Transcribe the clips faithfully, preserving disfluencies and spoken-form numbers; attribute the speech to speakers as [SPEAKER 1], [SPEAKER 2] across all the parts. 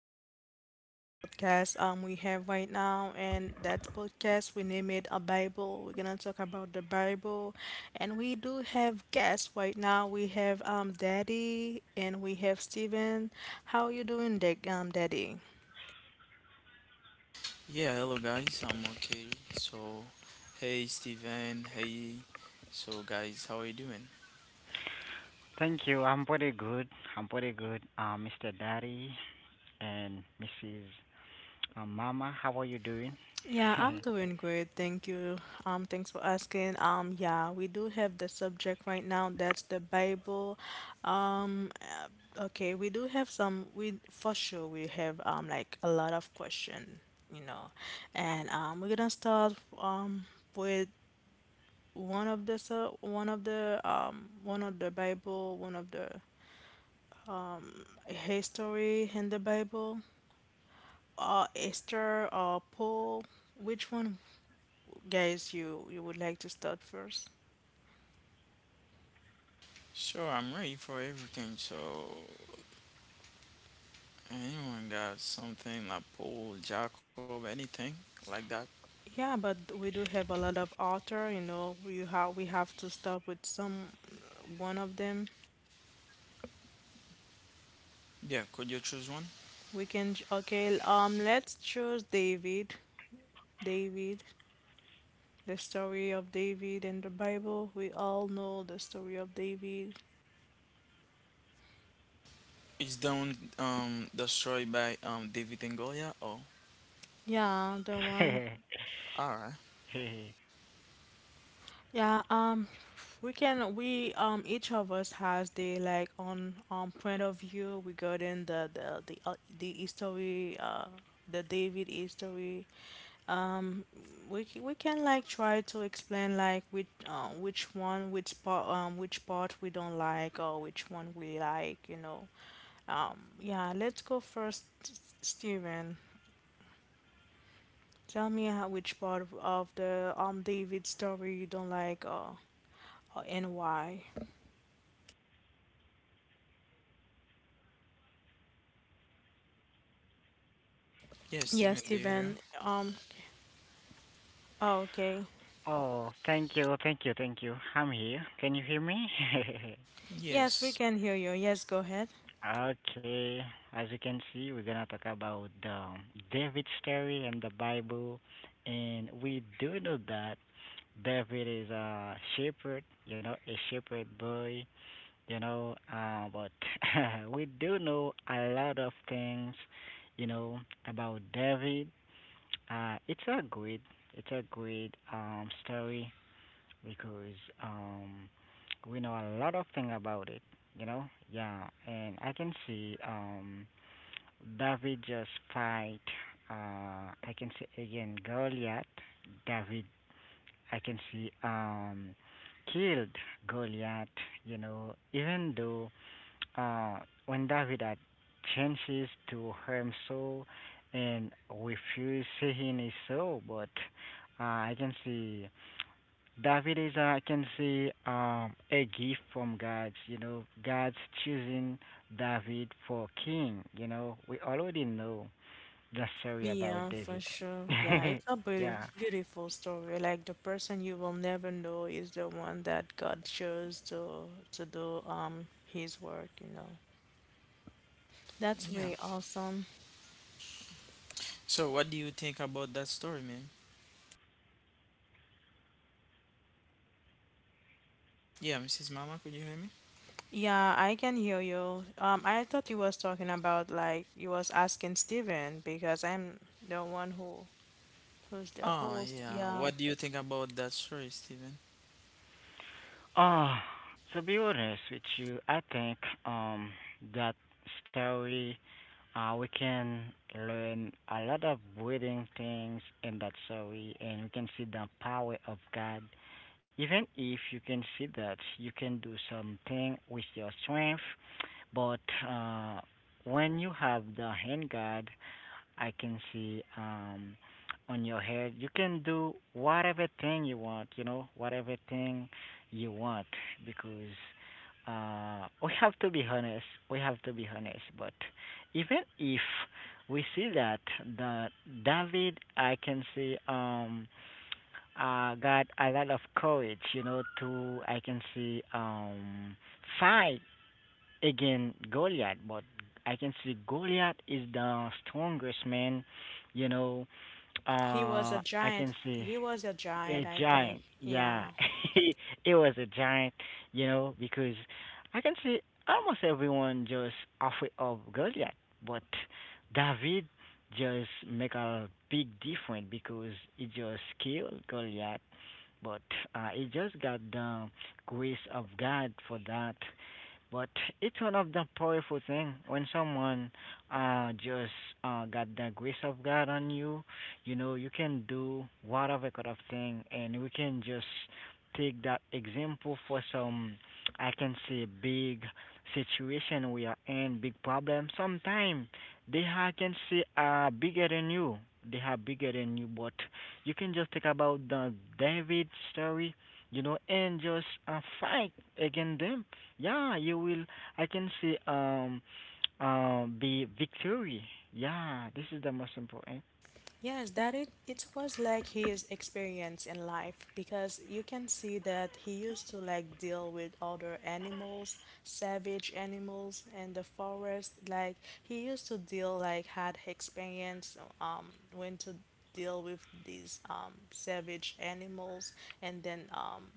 [SPEAKER 1] Welcome to the podcast um we have right now, and that podcast we name it a Bible. We're gonna talk about the Bible, and we do have guests right now. We have um Daddy and we have Steven. How you doing, Dick? Um, Daddy.
[SPEAKER 2] Yeah, hello guys, I'm okay. So, hey Steven, hey. So, guys, how are you doing?
[SPEAKER 3] Thank you. I'm pretty good. I'm pretty good. Uh, mister Daddy and missus Uh, Mama, how are you doing?
[SPEAKER 1] Yeah, I'm doing great. Thank you. Um, thanks for asking. Um, yeah, we do have the subject right now. That's the Bible. Um, uh, okay, we do have some. We for sure we have um like a lot of question, you know, and um we're gonna start um with one of the so one of the um one of the Bible, one of the history in the Bible, uh Esther or Paul. Which one, guys, you you would like to start first?
[SPEAKER 2] Sure, I'm ready for everything. So, anyone got something like Paul, Jacob, anything like that?
[SPEAKER 1] Yeah, but we do have a lot of author, you know, we have we have to start with some uh, one of them.
[SPEAKER 2] Yeah, could you choose one?
[SPEAKER 1] We can ch- okay, um let's choose David. David, the story of David in the Bible. We all know the story of David.
[SPEAKER 2] It's down, um, destroyed by um David and Goliath. Oh,
[SPEAKER 1] Yeah, the one.
[SPEAKER 2] alright.
[SPEAKER 1] Yeah, um, we can we um each of us has the like on um point of view regarding the the the uh, the history uh the David history. We c- we can like try to explain like which uh, which one, which part um which part we don't like or which one we like, you know. Um, yeah, let's go first, S- Steven. Tell me how, which part of the um David story you don't like, or, or and why.
[SPEAKER 2] Yeah,
[SPEAKER 1] Yes,
[SPEAKER 2] Steven, do you hear?
[SPEAKER 1] Steven. Um, okay. Oh, okay.
[SPEAKER 3] Oh, thank you, thank you, thank you. I'm here. Can you hear me?
[SPEAKER 1] Yes, we
[SPEAKER 2] Yes.
[SPEAKER 1] can hear you. Yes, go ahead.
[SPEAKER 3] Okay. As you can see, we're gonna talk about um, David's story in the Bible, and we do know that David is a shepherd. You know, a shepherd boy, you know, uh, but we do know a lot of things, you know, about David. Uh, it's a great, it's a great um, story because um, we know a lot of things about it, you know. Yeah, and I can see um, David just fight. Uh, I can see again Goliath. David I can see um, killed Goliath. You know, even though uh, when David had chances to harm Saul and refuse seeing his soul, but uh, I can see David is uh, I can see um, a gift from God. You know, God's choosing David for king. You know, we already know the story about
[SPEAKER 1] Yeah, for
[SPEAKER 3] David.
[SPEAKER 1] sure. Yeah, it's a beautiful,
[SPEAKER 3] Yeah.
[SPEAKER 1] beautiful story. Like, the person you will never know is the one that God chose to to do um his work, you know. That's
[SPEAKER 2] Yeah.
[SPEAKER 1] really awesome.
[SPEAKER 2] So, what do you think about that story, man? Yeah, Missus Mama, could you hear me?
[SPEAKER 1] Yeah, I can hear you. Um, I thought you was talking about like you was asking Steven because I'm the one who who's the
[SPEAKER 2] Ah,
[SPEAKER 1] host.
[SPEAKER 2] yeah.
[SPEAKER 1] Yeah.
[SPEAKER 2] What do you think about that story, Steven?
[SPEAKER 3] Uh, to be honest with you, I think um that story uh we can learn a lot of breathing things in that story, and we can see the power of God. Even if you can see that you can do something with your strength, but uh when you have the hand God. I can see um, On your head, you can do whatever thing you want, you know, whatever thing you want, because uh, we have to be honest. We have to be honest. But even if we see that the David, I can see um, uh, got a lot of courage, you know, to I can see um, fight again Goliath, but I can see Goliath is the strongest man. You know,
[SPEAKER 1] He was
[SPEAKER 3] uh,
[SPEAKER 1] a
[SPEAKER 3] I
[SPEAKER 1] giant.
[SPEAKER 3] can see
[SPEAKER 1] He was a
[SPEAKER 3] a
[SPEAKER 1] giant, I think.
[SPEAKER 3] giant. Yeah,
[SPEAKER 1] Yeah.
[SPEAKER 3] it was a giant. You know, because I can see almost everyone just afraid of Goliath, but David just make a big difference because he just killed Goliath, but uh, he just got the grace of God for that. But it's one of the powerful thing when someone uh just uh got the grace of God on you, you know, you can do whatever kind of thing, and we can just take that example for some, I can say, big situation we are in, big problem. Sometimes they are, I can say, are bigger than you. They are bigger than you, but you can just think about the David story, you know, and just uh, fight against them, yeah, you will. I can say um, uh, Be victory. Yeah, this is the most important.
[SPEAKER 1] Yes, that it it was like his experience in life, because you can see that he used to like deal with other animals, savage animals in the forest. Like, he used to deal, like had experience um when to deal with these um savage animals, and then um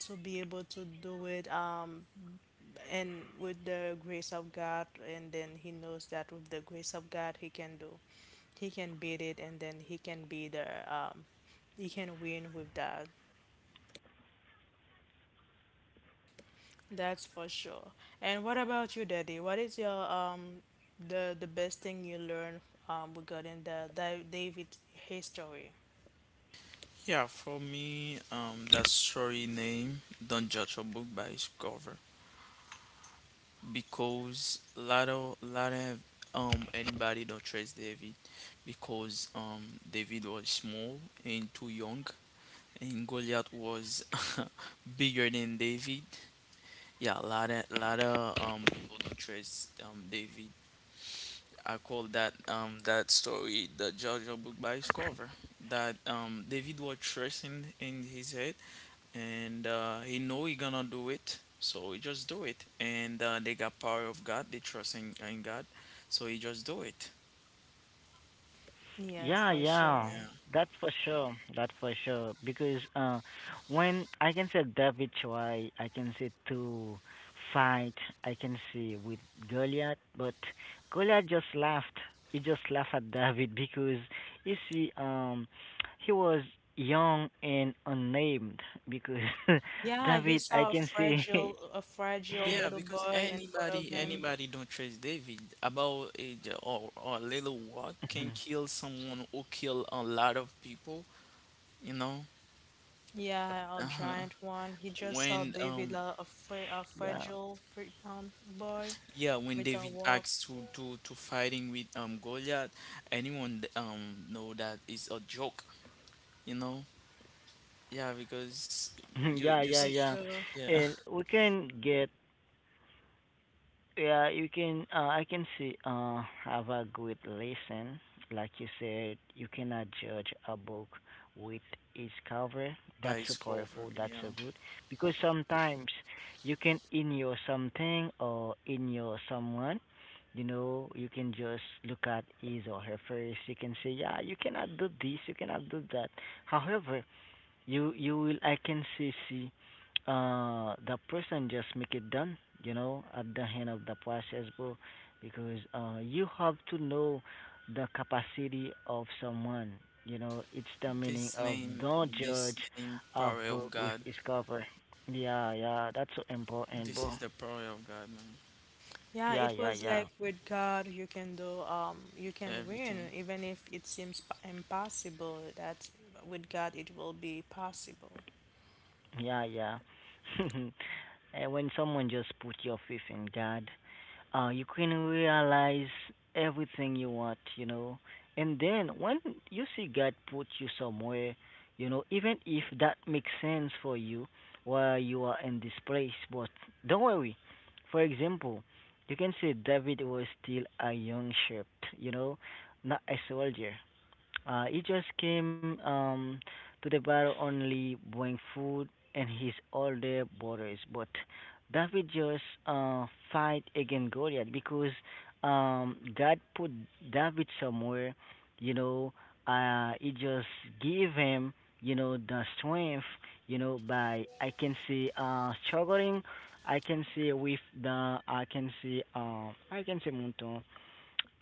[SPEAKER 1] to be able to do it, um and with the grace of God, and then he knows that with the grace of God, he can do, he can beat it, and then he can be the, um, he can win with that. That's for sure. And what about you, Daddy? What is your um the the best thing you learned um regarding the, the David history?
[SPEAKER 2] Yeah, for me, um, that story name "Don't Judge a Book by Its Cover" because lot of lot of um anybody don't trust David, because um David was small and too young and Goliath was bigger than David. Yeah, lot of lot of um people don't trust um David. I call that um that story "The Judge a Book by Its Cover." That um David was trusting in his head, and uh, he know he gonna do it, so he just do it. And uh, they got power of God, they trust in, in God, so he just do it.
[SPEAKER 1] Yes,
[SPEAKER 3] Yeah,
[SPEAKER 1] for
[SPEAKER 3] yeah,
[SPEAKER 1] sure.
[SPEAKER 2] Yeah,
[SPEAKER 3] that's for sure. That's for sure. Because uh, when I can say David try, I can say to fight. I can see with Goliath, but Goliath just laughed. He just laughed at David because you see, um, he was young and unnamed because
[SPEAKER 1] Yeah, he
[SPEAKER 3] David, I
[SPEAKER 1] saw a
[SPEAKER 3] can say.
[SPEAKER 1] fragile, a fragile
[SPEAKER 2] yeah,
[SPEAKER 1] little
[SPEAKER 2] because
[SPEAKER 1] boy in front of
[SPEAKER 2] anybody
[SPEAKER 1] him.
[SPEAKER 3] Y-
[SPEAKER 2] anybody don't trust David about a j- or,
[SPEAKER 3] Mhm.
[SPEAKER 2] or a little work can kill someone or kill a lot of people you know
[SPEAKER 1] Yeah, a
[SPEAKER 2] uh-huh.
[SPEAKER 1] giant one. He just saw
[SPEAKER 2] when
[SPEAKER 1] David,
[SPEAKER 2] um
[SPEAKER 1] a, a, fra a
[SPEAKER 3] Yeah.
[SPEAKER 1] fragile pre um, boy
[SPEAKER 2] yeah, when
[SPEAKER 1] with a
[SPEAKER 2] David
[SPEAKER 1] walk.
[SPEAKER 2] acts to to to fighting with um Goliath, anyone um know that it's a joke you know yeah, because you
[SPEAKER 3] Yeah,
[SPEAKER 2] you
[SPEAKER 3] yeah,
[SPEAKER 1] For
[SPEAKER 2] see.
[SPEAKER 3] yeah.
[SPEAKER 1] sure.
[SPEAKER 2] Yeah,
[SPEAKER 3] And we can get, yeah, you can uh I can see uh have a good listen. Like you said, you cannot judge a book with its cover. That's
[SPEAKER 2] by
[SPEAKER 3] so
[SPEAKER 2] Discover,
[SPEAKER 3] powerful,
[SPEAKER 2] you
[SPEAKER 3] that's so
[SPEAKER 2] know.
[SPEAKER 3] good. Because sometimes you can in your something or in your someone, you know, you can just look at his or her face, you can say, yeah, you cannot do this, you cannot do that. However, you you will, I can see, see uh the person just make it done, you know, at the end of the process, bro, because uh you have to know the capacity of someone, you know, it's the meaning
[SPEAKER 2] This
[SPEAKER 3] of
[SPEAKER 2] name,
[SPEAKER 3] don't judge
[SPEAKER 2] this name,
[SPEAKER 3] a
[SPEAKER 2] power of
[SPEAKER 3] book with
[SPEAKER 2] God.
[SPEAKER 3] its cover. Yeah, yeah, that's so important,
[SPEAKER 2] This
[SPEAKER 3] bro.
[SPEAKER 2] is the power of God, man.
[SPEAKER 1] Yeah,
[SPEAKER 3] Yeah,
[SPEAKER 1] it
[SPEAKER 3] yeah,
[SPEAKER 1] was
[SPEAKER 3] yeah,
[SPEAKER 1] like with God, you can do, um, you can win,
[SPEAKER 2] Everything.
[SPEAKER 1] even if it seems p- impossible. That with God, it will be possible.
[SPEAKER 3] yeah, yeah. And when someone just put your faith in God, uh, you can realize everything you want, you know. And then when you see God put you somewhere, you know, even if that makes sense for you while you are in this place, but don't worry. For example, you can say David was still a young shepherd, you know, not a soldier. Uh, he just came um, to the bar only buying food and his older brothers. But David just uh, fight against Goliath because um, God put David somewhere. You know, uh, he just give him, you know, the strength. You know, by I can see uh, struggling. I can see with the I can see uh, I can see Monton,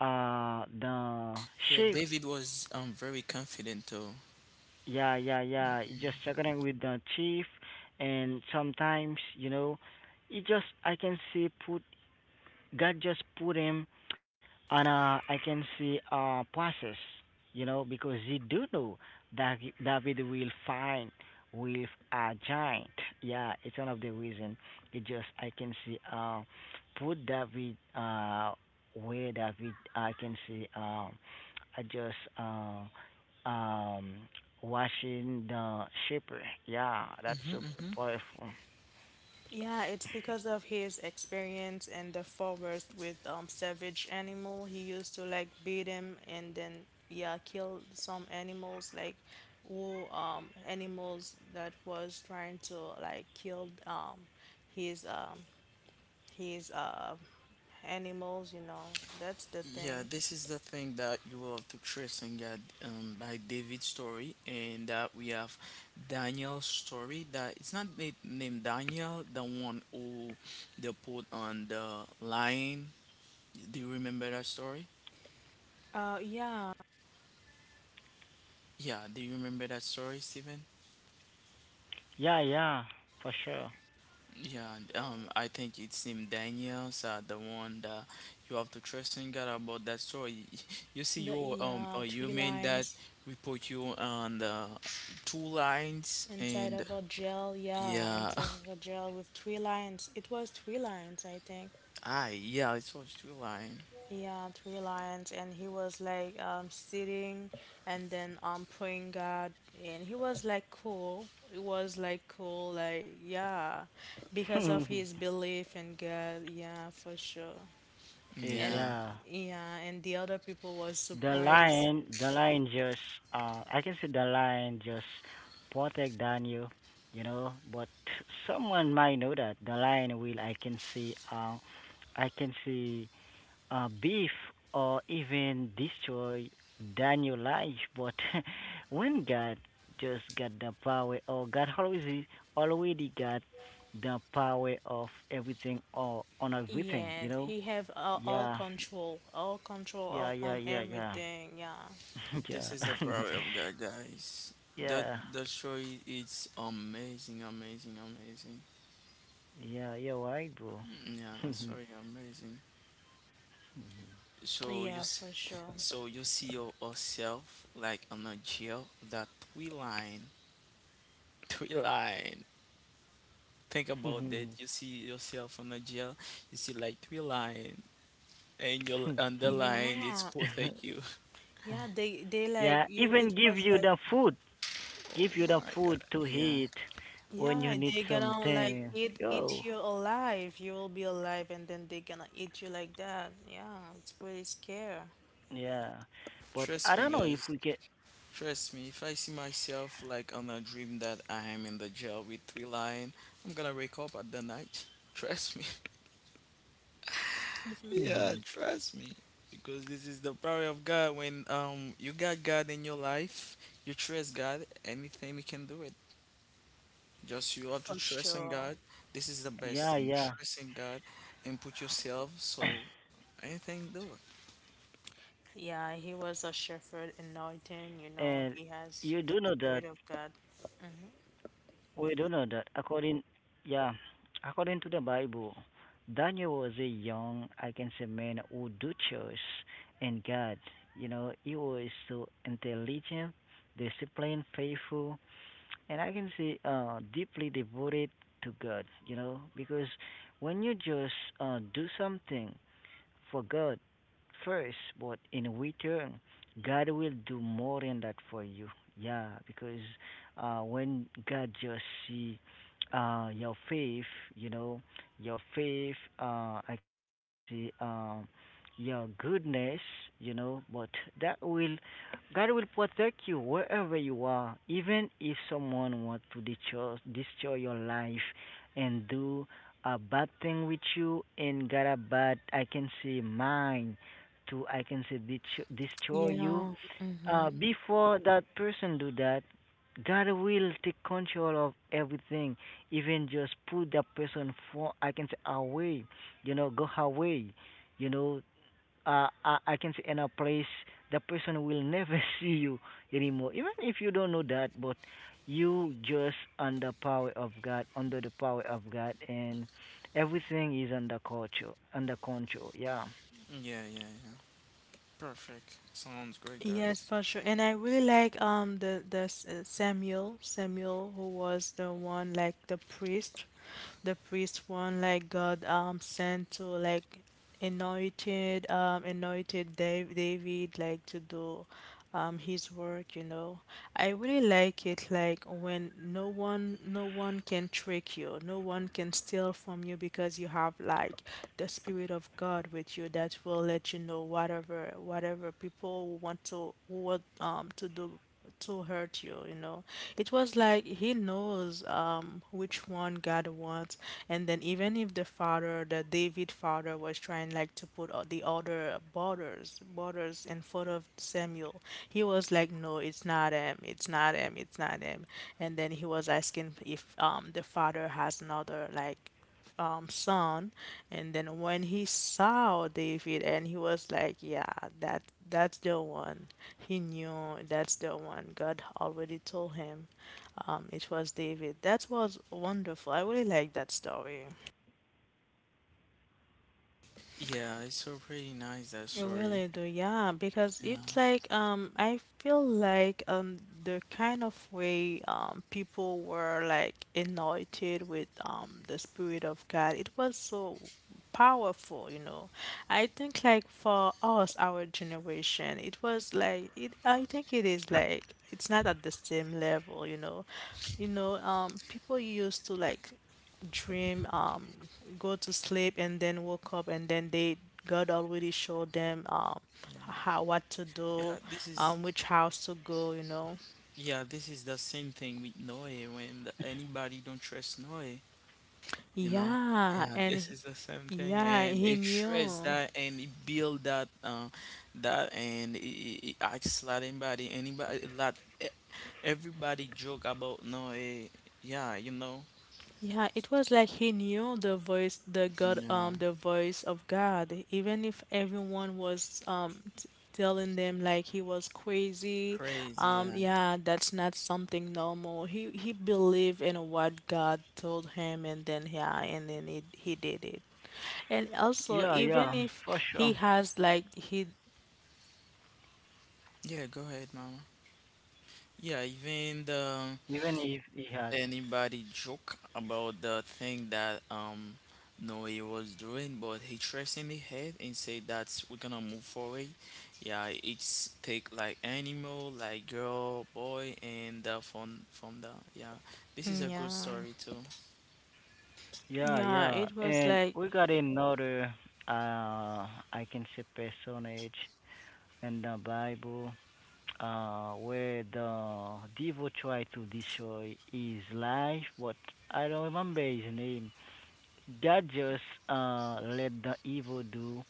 [SPEAKER 3] uh, the
[SPEAKER 2] Yeah,
[SPEAKER 3] shift,
[SPEAKER 2] David was um very confident though.
[SPEAKER 3] yeah, yeah, yeah. It just checking with the chief, and sometimes, you know, it just I can see put God just put him on a, I can see, a process, you know, because he do know that he- David will find with a giant. Yeah, it's one of the reason. It just I can see uh, Put David uh, where David, I can see um, I just uh, um, washing the shepherd. Yeah, that's
[SPEAKER 2] Mm-hmm,
[SPEAKER 3] so
[SPEAKER 2] mm-hmm.
[SPEAKER 3] powerful.
[SPEAKER 1] Yeah, it's because of his experience in the forest with um savage animal. He used to like beat him and then yeah, kill some animals like who um animals that was trying to like kill um his um his uh animals, you know. That's the thing.
[SPEAKER 2] Yeah, this is the thing that you will have to trace and get um, by David's story. And that we have Daniel's story. That it's not na- named Daniel, the one who they put on the lion. Do you remember that story?
[SPEAKER 1] Uh, yeah,
[SPEAKER 2] Yeah, do you remember that story, Stephen?
[SPEAKER 3] Yeah, yeah, for
[SPEAKER 2] Yeah. And, um, I think it's him Daniels, uh, the one that you have to trust in God about that story. You see, you um, or you mean that we put you on the two lines, and yeah, ah, yeah, it was two line.
[SPEAKER 3] sure.
[SPEAKER 2] Yeah,
[SPEAKER 3] Eh, yeah. The lion, the lion just, uh, I can see the lion just protect Daniel, you know. But someone might know that the lion will. I can see, uh, I can see, uh, Beef or even destroy Daniel life. But when God just got the power, or God always already got the power of everything or on everything, you know. Yeah, yeah, yeah, yeah, yeah.
[SPEAKER 2] this
[SPEAKER 3] Yeah.
[SPEAKER 2] is the power of God, guys. That
[SPEAKER 3] Yeah.
[SPEAKER 2] that story is amazing, amazing, amazing.
[SPEAKER 3] Yeah, you're right, bro.
[SPEAKER 2] Mm, yeah, that's very amazing. So you So you see your, yourself like on a jail, that three line, three line. Think about that. You see yourself on a jail. You see like three line, and your underline it's protect you.
[SPEAKER 3] Yeah, even give you the food. Give you the
[SPEAKER 2] Oh my
[SPEAKER 3] food
[SPEAKER 2] God.
[SPEAKER 3] to
[SPEAKER 2] Yeah.
[SPEAKER 3] eat when you need something. Yo. Yeah. But I
[SPEAKER 2] Trust me,
[SPEAKER 3] don't know if
[SPEAKER 2] guys.
[SPEAKER 3] we can.
[SPEAKER 2] Trust me. If I see myself like on a dream that I am in the jail with three line, I'm gonna wake up at the night. Trust Yeah, trust me. Because this is the power of God. When um you got God in your life, you trust God, anything He can do it. Just you have to trust in God.
[SPEAKER 3] Yeah,
[SPEAKER 2] This is the
[SPEAKER 3] yeah.
[SPEAKER 2] best thing. Trust in God and put yourself, so anything do it.
[SPEAKER 3] And you do know that. We do know that according, yeah, according to the Bible, Daniel was a young, I can say, man who do church and God. You know, he was so intelligent, disciplined, faithful, and I can say uh, deeply devoted to God. You know, because when you just uh, do something for God first, but in return, God will do more than that for you. Yeah, because uh, when God just see, uh, your faith, you know, your faith, uh, I can see um, your goodness, you know, but that will, God will protect you wherever you are, even if someone want to destroy, destroy your life and do a bad thing with you and got a bad, I can say, mind to I can say detr- destroy you. Uh, before that person do that, God will take control of everything, even just put that person for, I can say, away, you know, go away, you know. Uh, I, I can say in a place the person will never see you anymore, even if you don't know that, but you just under power of God, under the power of God, and everything is under control, under control. Yeah.
[SPEAKER 2] Yeah, yeah, yeah. Perfect. Sounds great, guys. Yeah, it's so pretty nice, that story. Yeah, yeah. Yeah, this is yeah, this is the same thing with Noe, when the- anybody don't trust Noe, you know. Yeah, this is the same thing, and it shreds that and it build that, uh, that, and it, it, it acts like anybody anybody that e- everybody joke about no eh, yeah you know. Yeah, crazy. Yeah.
[SPEAKER 3] Yeah, yeah, for sure.
[SPEAKER 2] Yeah, go ahead, Mama. Yeah, even the
[SPEAKER 3] Even if he had.
[SPEAKER 2] anybody joke about the thing that um Noe was doing, but he traced in the head and said that we're gonna move forward. Yeah, it's take like animal, like girl, boy, and uh, from from the yeah. This is a good story too.
[SPEAKER 3] Yeah, yeah. And we got another uh I can say personage in the Bible uh where the devil tried to destroy his life, but I don't remember his name. God just uh let the evil do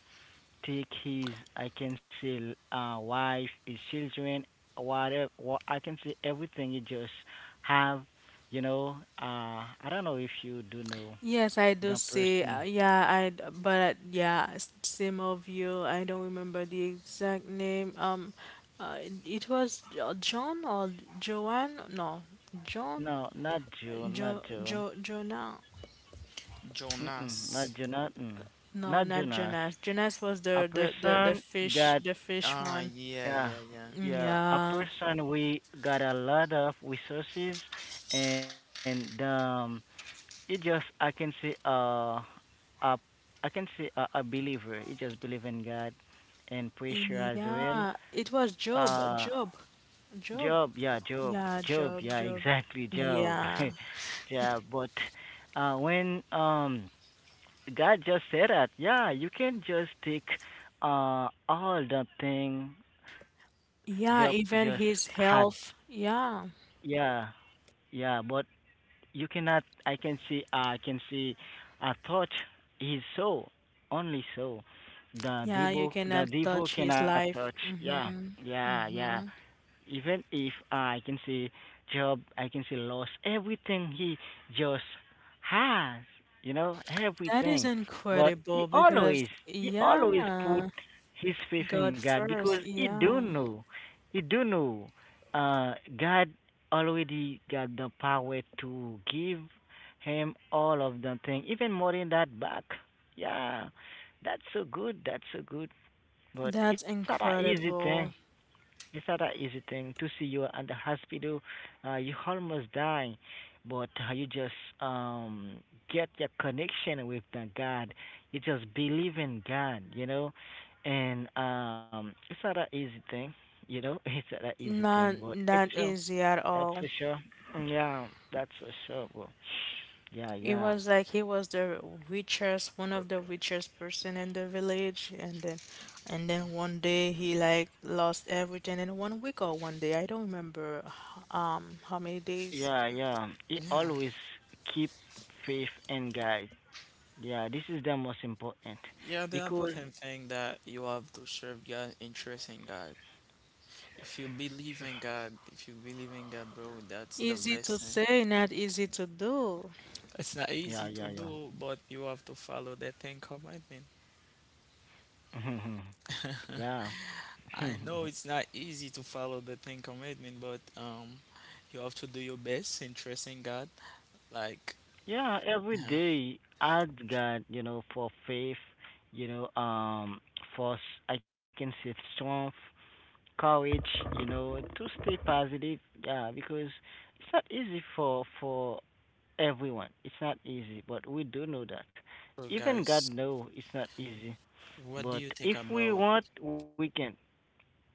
[SPEAKER 3] take his, I can say, uh wife, his children, whatever, what I can say, everything you just have, you know. uh I don't know if you do know the person. No, not June, not June. Mm-mm, Not
[SPEAKER 2] Jonas.
[SPEAKER 3] June, not, mm, not Jonas. A person got,
[SPEAKER 2] Ah, yeah,
[SPEAKER 3] yeah,
[SPEAKER 2] yeah, yeah.
[SPEAKER 3] yeah, a person we got a lot of resources, and um, It just I can see uh uh I can see a, a believer. He just believe in God and pressure as well. Uh Job, yeah, Job. Job, yeah, exactly, Job. Yeah, but uh when um God just said that, yeah, you can just take uh all the thing Job just had. Yeah. Yeah, but you cannot. I can see. I can see. A thought is so only so. The devil, the devil cannot touch. Yeah, yeah, yeah, even if I can say job, I can say lost everything he just has, you know, everything. But he always, he always put his faith in God because he do know, he do know, uh, God already got the power to give him all of the thing, even more than that back. Yeah, that's so good. That's so good. But it's not an easy thing. It's not an easy thing to see you in the hospital. Uh, you almost dying, but uh, you just um, get your connection with the God. You just believe in God, you know. And um, it's not an easy thing, you know. It's not an easy thing, but it's sure. That's for sure. Yeah, that's for sure, bro. Yeah, yeah, yeah, yeah. He
[SPEAKER 2] Yeah,
[SPEAKER 3] always keep faith and God. Yeah, this is the most important
[SPEAKER 2] yeah, the
[SPEAKER 3] because.
[SPEAKER 2] important thing, that you have to serve God and trust in God. If you believe in God, if you believe in God, bro, that's the best thing. It's not
[SPEAKER 3] Yeah,
[SPEAKER 2] easy to
[SPEAKER 3] yeah,
[SPEAKER 2] do, but you have to follow the Ten Commandment.
[SPEAKER 3] yeah. Yeah.
[SPEAKER 2] I know it's not easy to follow the Ten Commandment, but um, you have to do your best in trusting God. Like,
[SPEAKER 3] Yeah, every
[SPEAKER 2] yeah.
[SPEAKER 3] day I'd, you know, for faith, you know, um for s- I can say strength, courage, you know, to stay positive. Yeah, because it's not easy for for everyone. It's not easy, but we do know that.
[SPEAKER 2] So,
[SPEAKER 3] Even God
[SPEAKER 2] guys,
[SPEAKER 3] know it's not easy.
[SPEAKER 2] what do
[SPEAKER 3] But
[SPEAKER 2] you think
[SPEAKER 3] if we
[SPEAKER 2] about?
[SPEAKER 3] want, we can.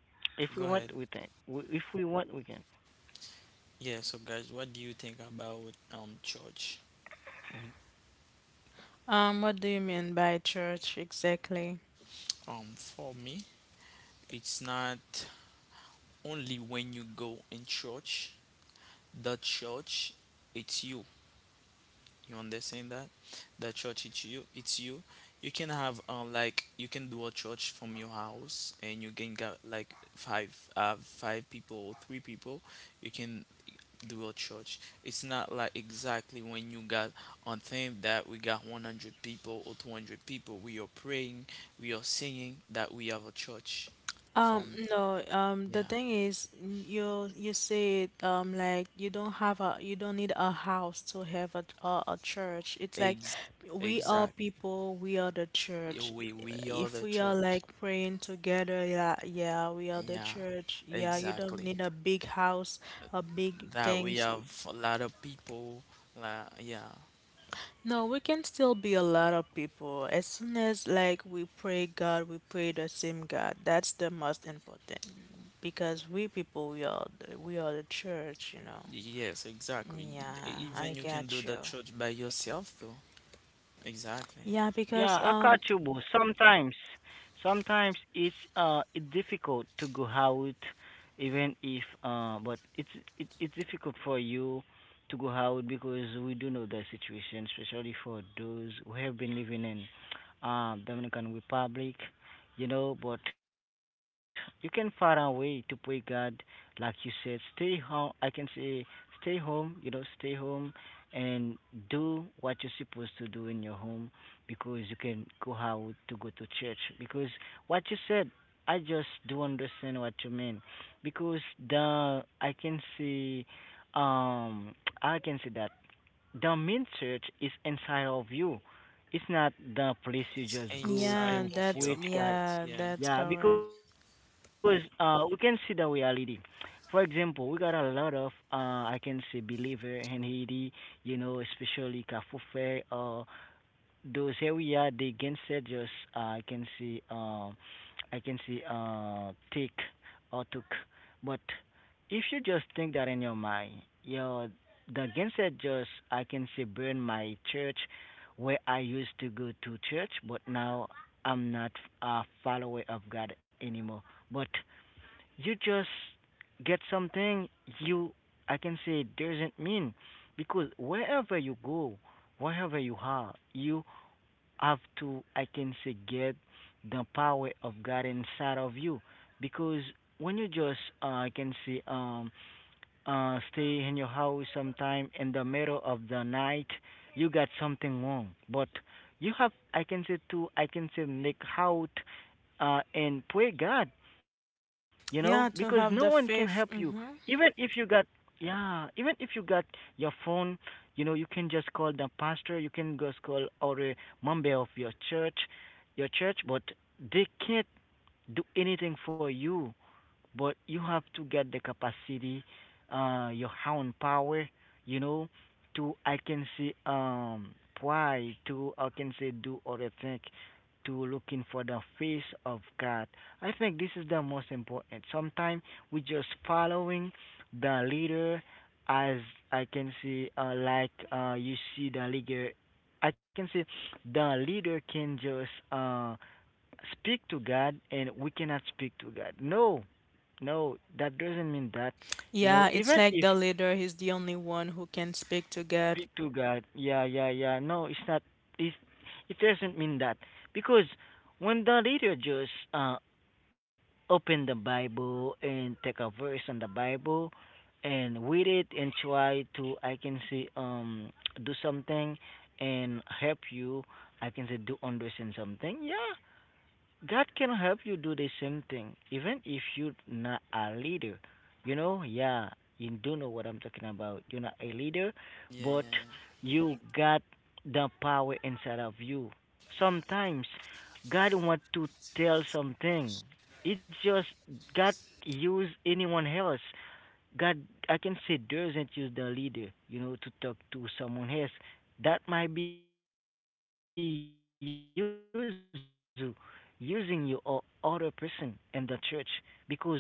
[SPEAKER 3] If we
[SPEAKER 2] Go
[SPEAKER 3] want, we
[SPEAKER 2] ahead.
[SPEAKER 3] can. We- If we want, we can.
[SPEAKER 2] Yeah. So, guys, what do you think about um church? Um, for me, it's not only when you go in church. The church, it's you. You understand that? That church, it's you. It's you. You can have, uh, like, you can do a church from your house, and you can get like five uh five people or three people. You can do a church. It's not like exactly when you got on thing that we got one hundred people or two hundred people. We are praying, we are singing, that we have a church from there. Yeah, ex exactly. Yeah, We we are the church. Yeah, exactly. That we have a lot of people like. Yeah, yes, exactly. Even you can do the church by yourself though. Exactly.
[SPEAKER 3] Yeah, I got you Akachubu. Sometimes, sometimes it's uh it's difficult to go out, even if uh but it's it, it's difficult for you to go out because we do know the situation, especially for those who have been living in uh Dominican Republic, you know. But you can find a way to pray God, like you said. Stay home. I can say stay home. You know, stay home and do what you're supposed to do in your home because you can go out to go to church. Because what you said, I just do understand what you mean. Because the I can see, um, I can see that the main church is inside of you. It's not the place you
[SPEAKER 2] It's
[SPEAKER 3] just go
[SPEAKER 2] inside
[SPEAKER 3] to
[SPEAKER 2] of your
[SPEAKER 3] preach God.
[SPEAKER 2] heart. Yeah,
[SPEAKER 3] Yeah, because uh, we can see the reality. For example, we got a lot of uh, I can say believer in Haiti, you know, especially Kafufe uh, those area they can suggest I can see uh, I can see uh, take or took. But if you just think that in your mind, your the cancer just I can say burn my church where I used to go to church, but now I'm not a follower of God anymore. But you just get something you I can say doesn't mean because wherever you go, wherever you are, you have to I can say get the power of God inside of you because when you just uh, I can say um uh, stay in your house sometime in the middle of the night, you got something wrong. But you have, I can say too, I can say make out uh, and pray God, you know, because no one can help you. Even if you got, yeah, even if you got your phone, you know, you can just call the pastor, you can just call or a member of your church, your church, but they can't do anything for you but you have to get the capacity, uh, your own power, you know, to I can say um why to I can say do other things to looking for the face of God. I think this is the most important. Sometimes we just following the leader as I can see uh, like uh, you see the leader I can say the leader can just uh, speak to God and we cannot speak to God. No, no, that doesn't mean that. You know, even if speak to God, yeah, yeah, yeah. No, it's not. It it doesn't mean that because when the reader just uh open the Bible and take a verse on the Bible and read it and try to I can say um do something and help you I can say do understand something. Yeah, God can help you do the same thing, even if you're not a leader. You know, yeah, you do know what I'm talking about. You're not a leader,
[SPEAKER 2] yeah,
[SPEAKER 3] but
[SPEAKER 2] yeah, yeah.
[SPEAKER 3] you got the power inside of you. Sometimes God want to tell something. It's just God use anyone else. God, I can say doesn't use the leader, you know, to talk to someone else. That might be you using you or other person in the church because every I can say one he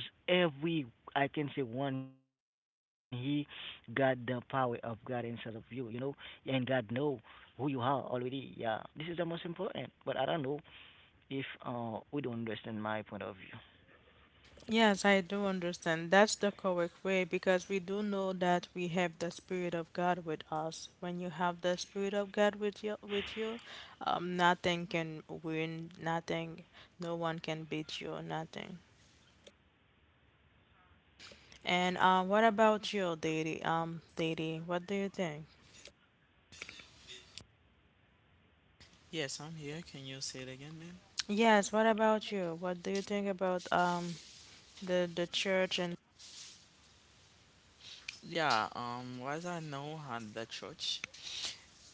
[SPEAKER 3] got the power of God inside of you, you know, and God know who you are already. Yeah, this is the most important. But I don't know if uh we don't understand my point of view.
[SPEAKER 2] Yes, I'm here. Can you say it again, ma'am? Yeah, um as I know, at the church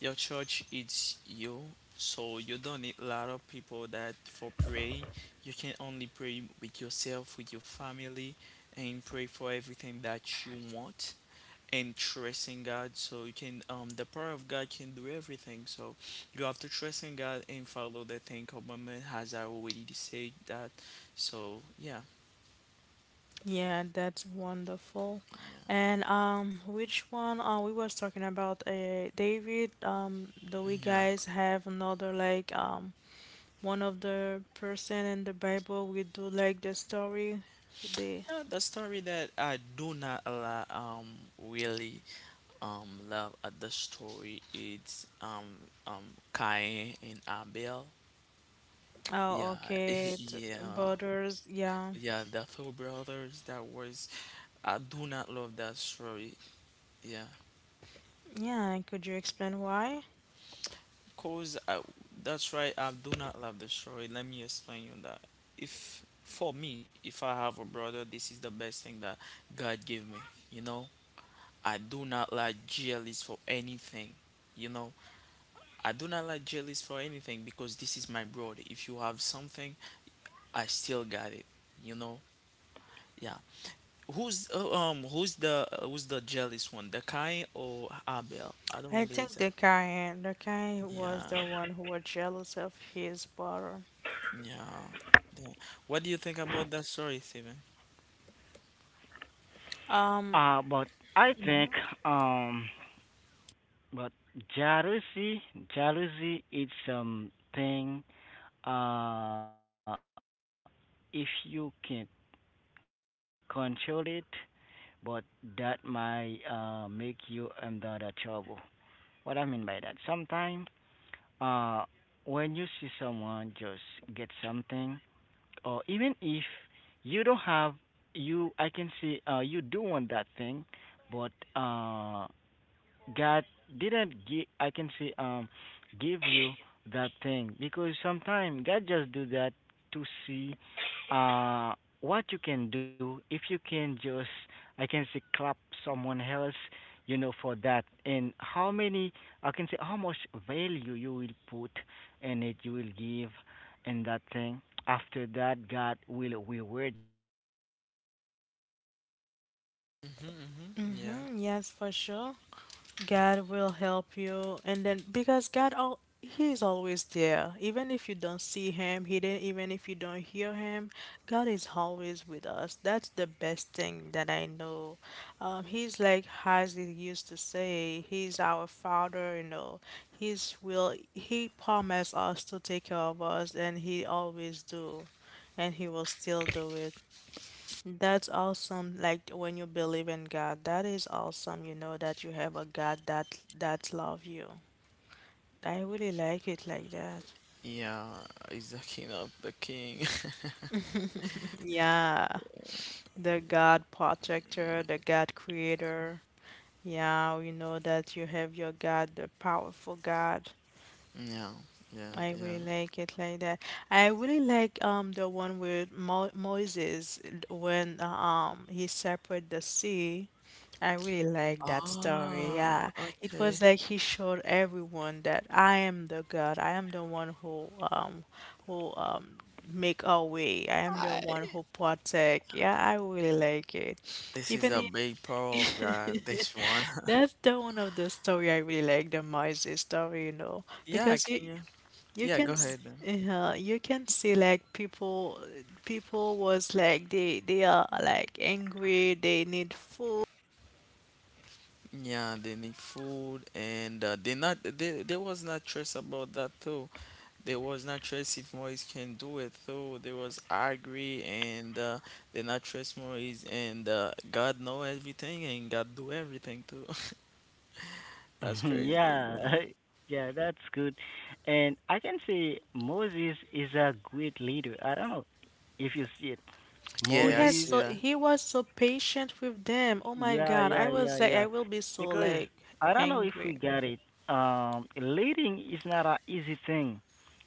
[SPEAKER 2] your church is you, so you don't need a lot of people that for praying. You can only pray with yourself, with your family, and pray for everything that you want, and trust in God, so you can um the power of God can do everything. So you have to trust in God and follow the Ten Commandment, as I already said that. So yeah. Yeah. Yeah. Yeah, the story that I do not li- um really um love at the story, it's um um Cain and Abel. Yeah. Yeah. Yeah, the two brothers that was. I do not love that story. Yeah. Cause I, that's right. I do not love the story. Let me explain you that. If, for me, if I have a brother, this is the best thing that God gave me. You know, I do not like jealous for anything. You know, I do not like jealous for anything, because this is my brother. If you have something, I still got it. You know, yeah. Who's uh, um who's the uh, who's the jealous one? The Cain or Abel? I don't really exact. Yeah, yeah. The- What do you think about that story, Steven?
[SPEAKER 3] Uh but I think um but jealousy, jealousy is something uh if you can't control it, but that might uh make you under the trouble. What I mean by that, sometimes uh when you see someone just get something, or even if you don't have you, I can see uh you do want that thing, but uh God didn't give I can say um give you that thing because sometimes God just do that to see uh what you can do if you can just I can say clap someone else you know for that and how many I can say how much value you will put in it you will give in that thing after that God will reward you for that you know sometimes God do
[SPEAKER 2] Mm-hmm,
[SPEAKER 3] it.
[SPEAKER 2] mm-hmm.
[SPEAKER 3] He
[SPEAKER 2] Yeah.
[SPEAKER 3] just do it uh, to see uh what uh yeah, yeah, because
[SPEAKER 2] Yeah, he's the king of the king. Yeah, yeah, yeah. Ah, okay. I... This is a big power of God, this one. Yeah, can you? Yeah, go ahead then. Yeah, they need food, and uh, they not they, there was not stress about that though. There was not stress if Moise can do it though. There was angry, and uh, they not trust Moise, and uh, God know everything, and God do everything too. That's crazy.
[SPEAKER 3] yeah.
[SPEAKER 2] Yeah.
[SPEAKER 3] Yeah, that's good, and I can say Moses is a great leader. I don't know if you see it.
[SPEAKER 4] He
[SPEAKER 2] Yeah, I
[SPEAKER 4] has
[SPEAKER 3] Moses,
[SPEAKER 2] see
[SPEAKER 4] so
[SPEAKER 2] that.
[SPEAKER 4] he was so patient with them. Oh my
[SPEAKER 3] yeah,
[SPEAKER 4] God,
[SPEAKER 3] yeah,
[SPEAKER 4] I
[SPEAKER 3] yeah,
[SPEAKER 4] was like
[SPEAKER 3] yeah,
[SPEAKER 4] I will be so
[SPEAKER 3] because
[SPEAKER 4] like
[SPEAKER 3] I don't know if we
[SPEAKER 4] angry.
[SPEAKER 3] got it. um leading is not a easy thing,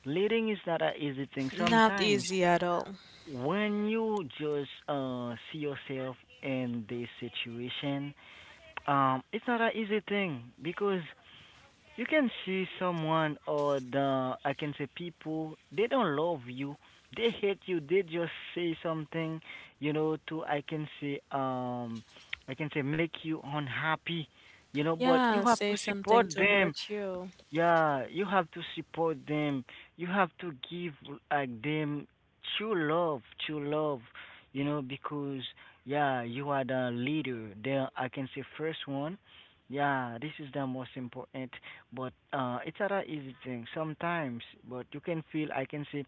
[SPEAKER 3] leading is not a easy thing
[SPEAKER 4] Not
[SPEAKER 3] sometimes
[SPEAKER 4] easy at all.
[SPEAKER 3] when you just uh see yourself in this situation. Um, it's not an easy thing because you can see someone or the I can say people they don't love you, they hate you, they just say something, you know, to I can say um I can say make you unhappy, you know, but you
[SPEAKER 4] Yeah,
[SPEAKER 3] have to
[SPEAKER 4] say something
[SPEAKER 3] support
[SPEAKER 4] to
[SPEAKER 3] them.
[SPEAKER 4] hurt you.
[SPEAKER 3] Yeah, you have to support them. You have to give like them true love, true love. You know, because yeah, you are the leader. There, I can say first one. Yeah, this is the most important. But uh, it's not an easy thing sometimes. But you can feel, I can say,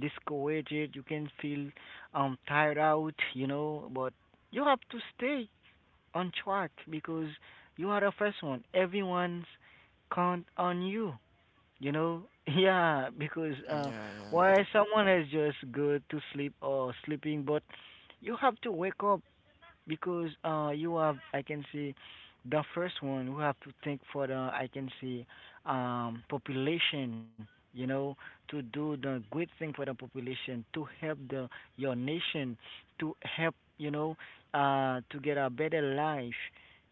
[SPEAKER 3] discouraged. You can feel um tired out. You know, but you have to stay on track because you are the first one. Everyone's count on you. You know, yeah, because
[SPEAKER 2] Yeah,
[SPEAKER 3] uh,
[SPEAKER 2] yeah, yeah.
[SPEAKER 3] why someone is just good to sleep or sleeping, but you have to wake up because uh, you have, I can say, the first one we have to think for the, I can say, um, population. You know, to do the good thing for the population, to help the your nation, to help you know, uh, to get a better life.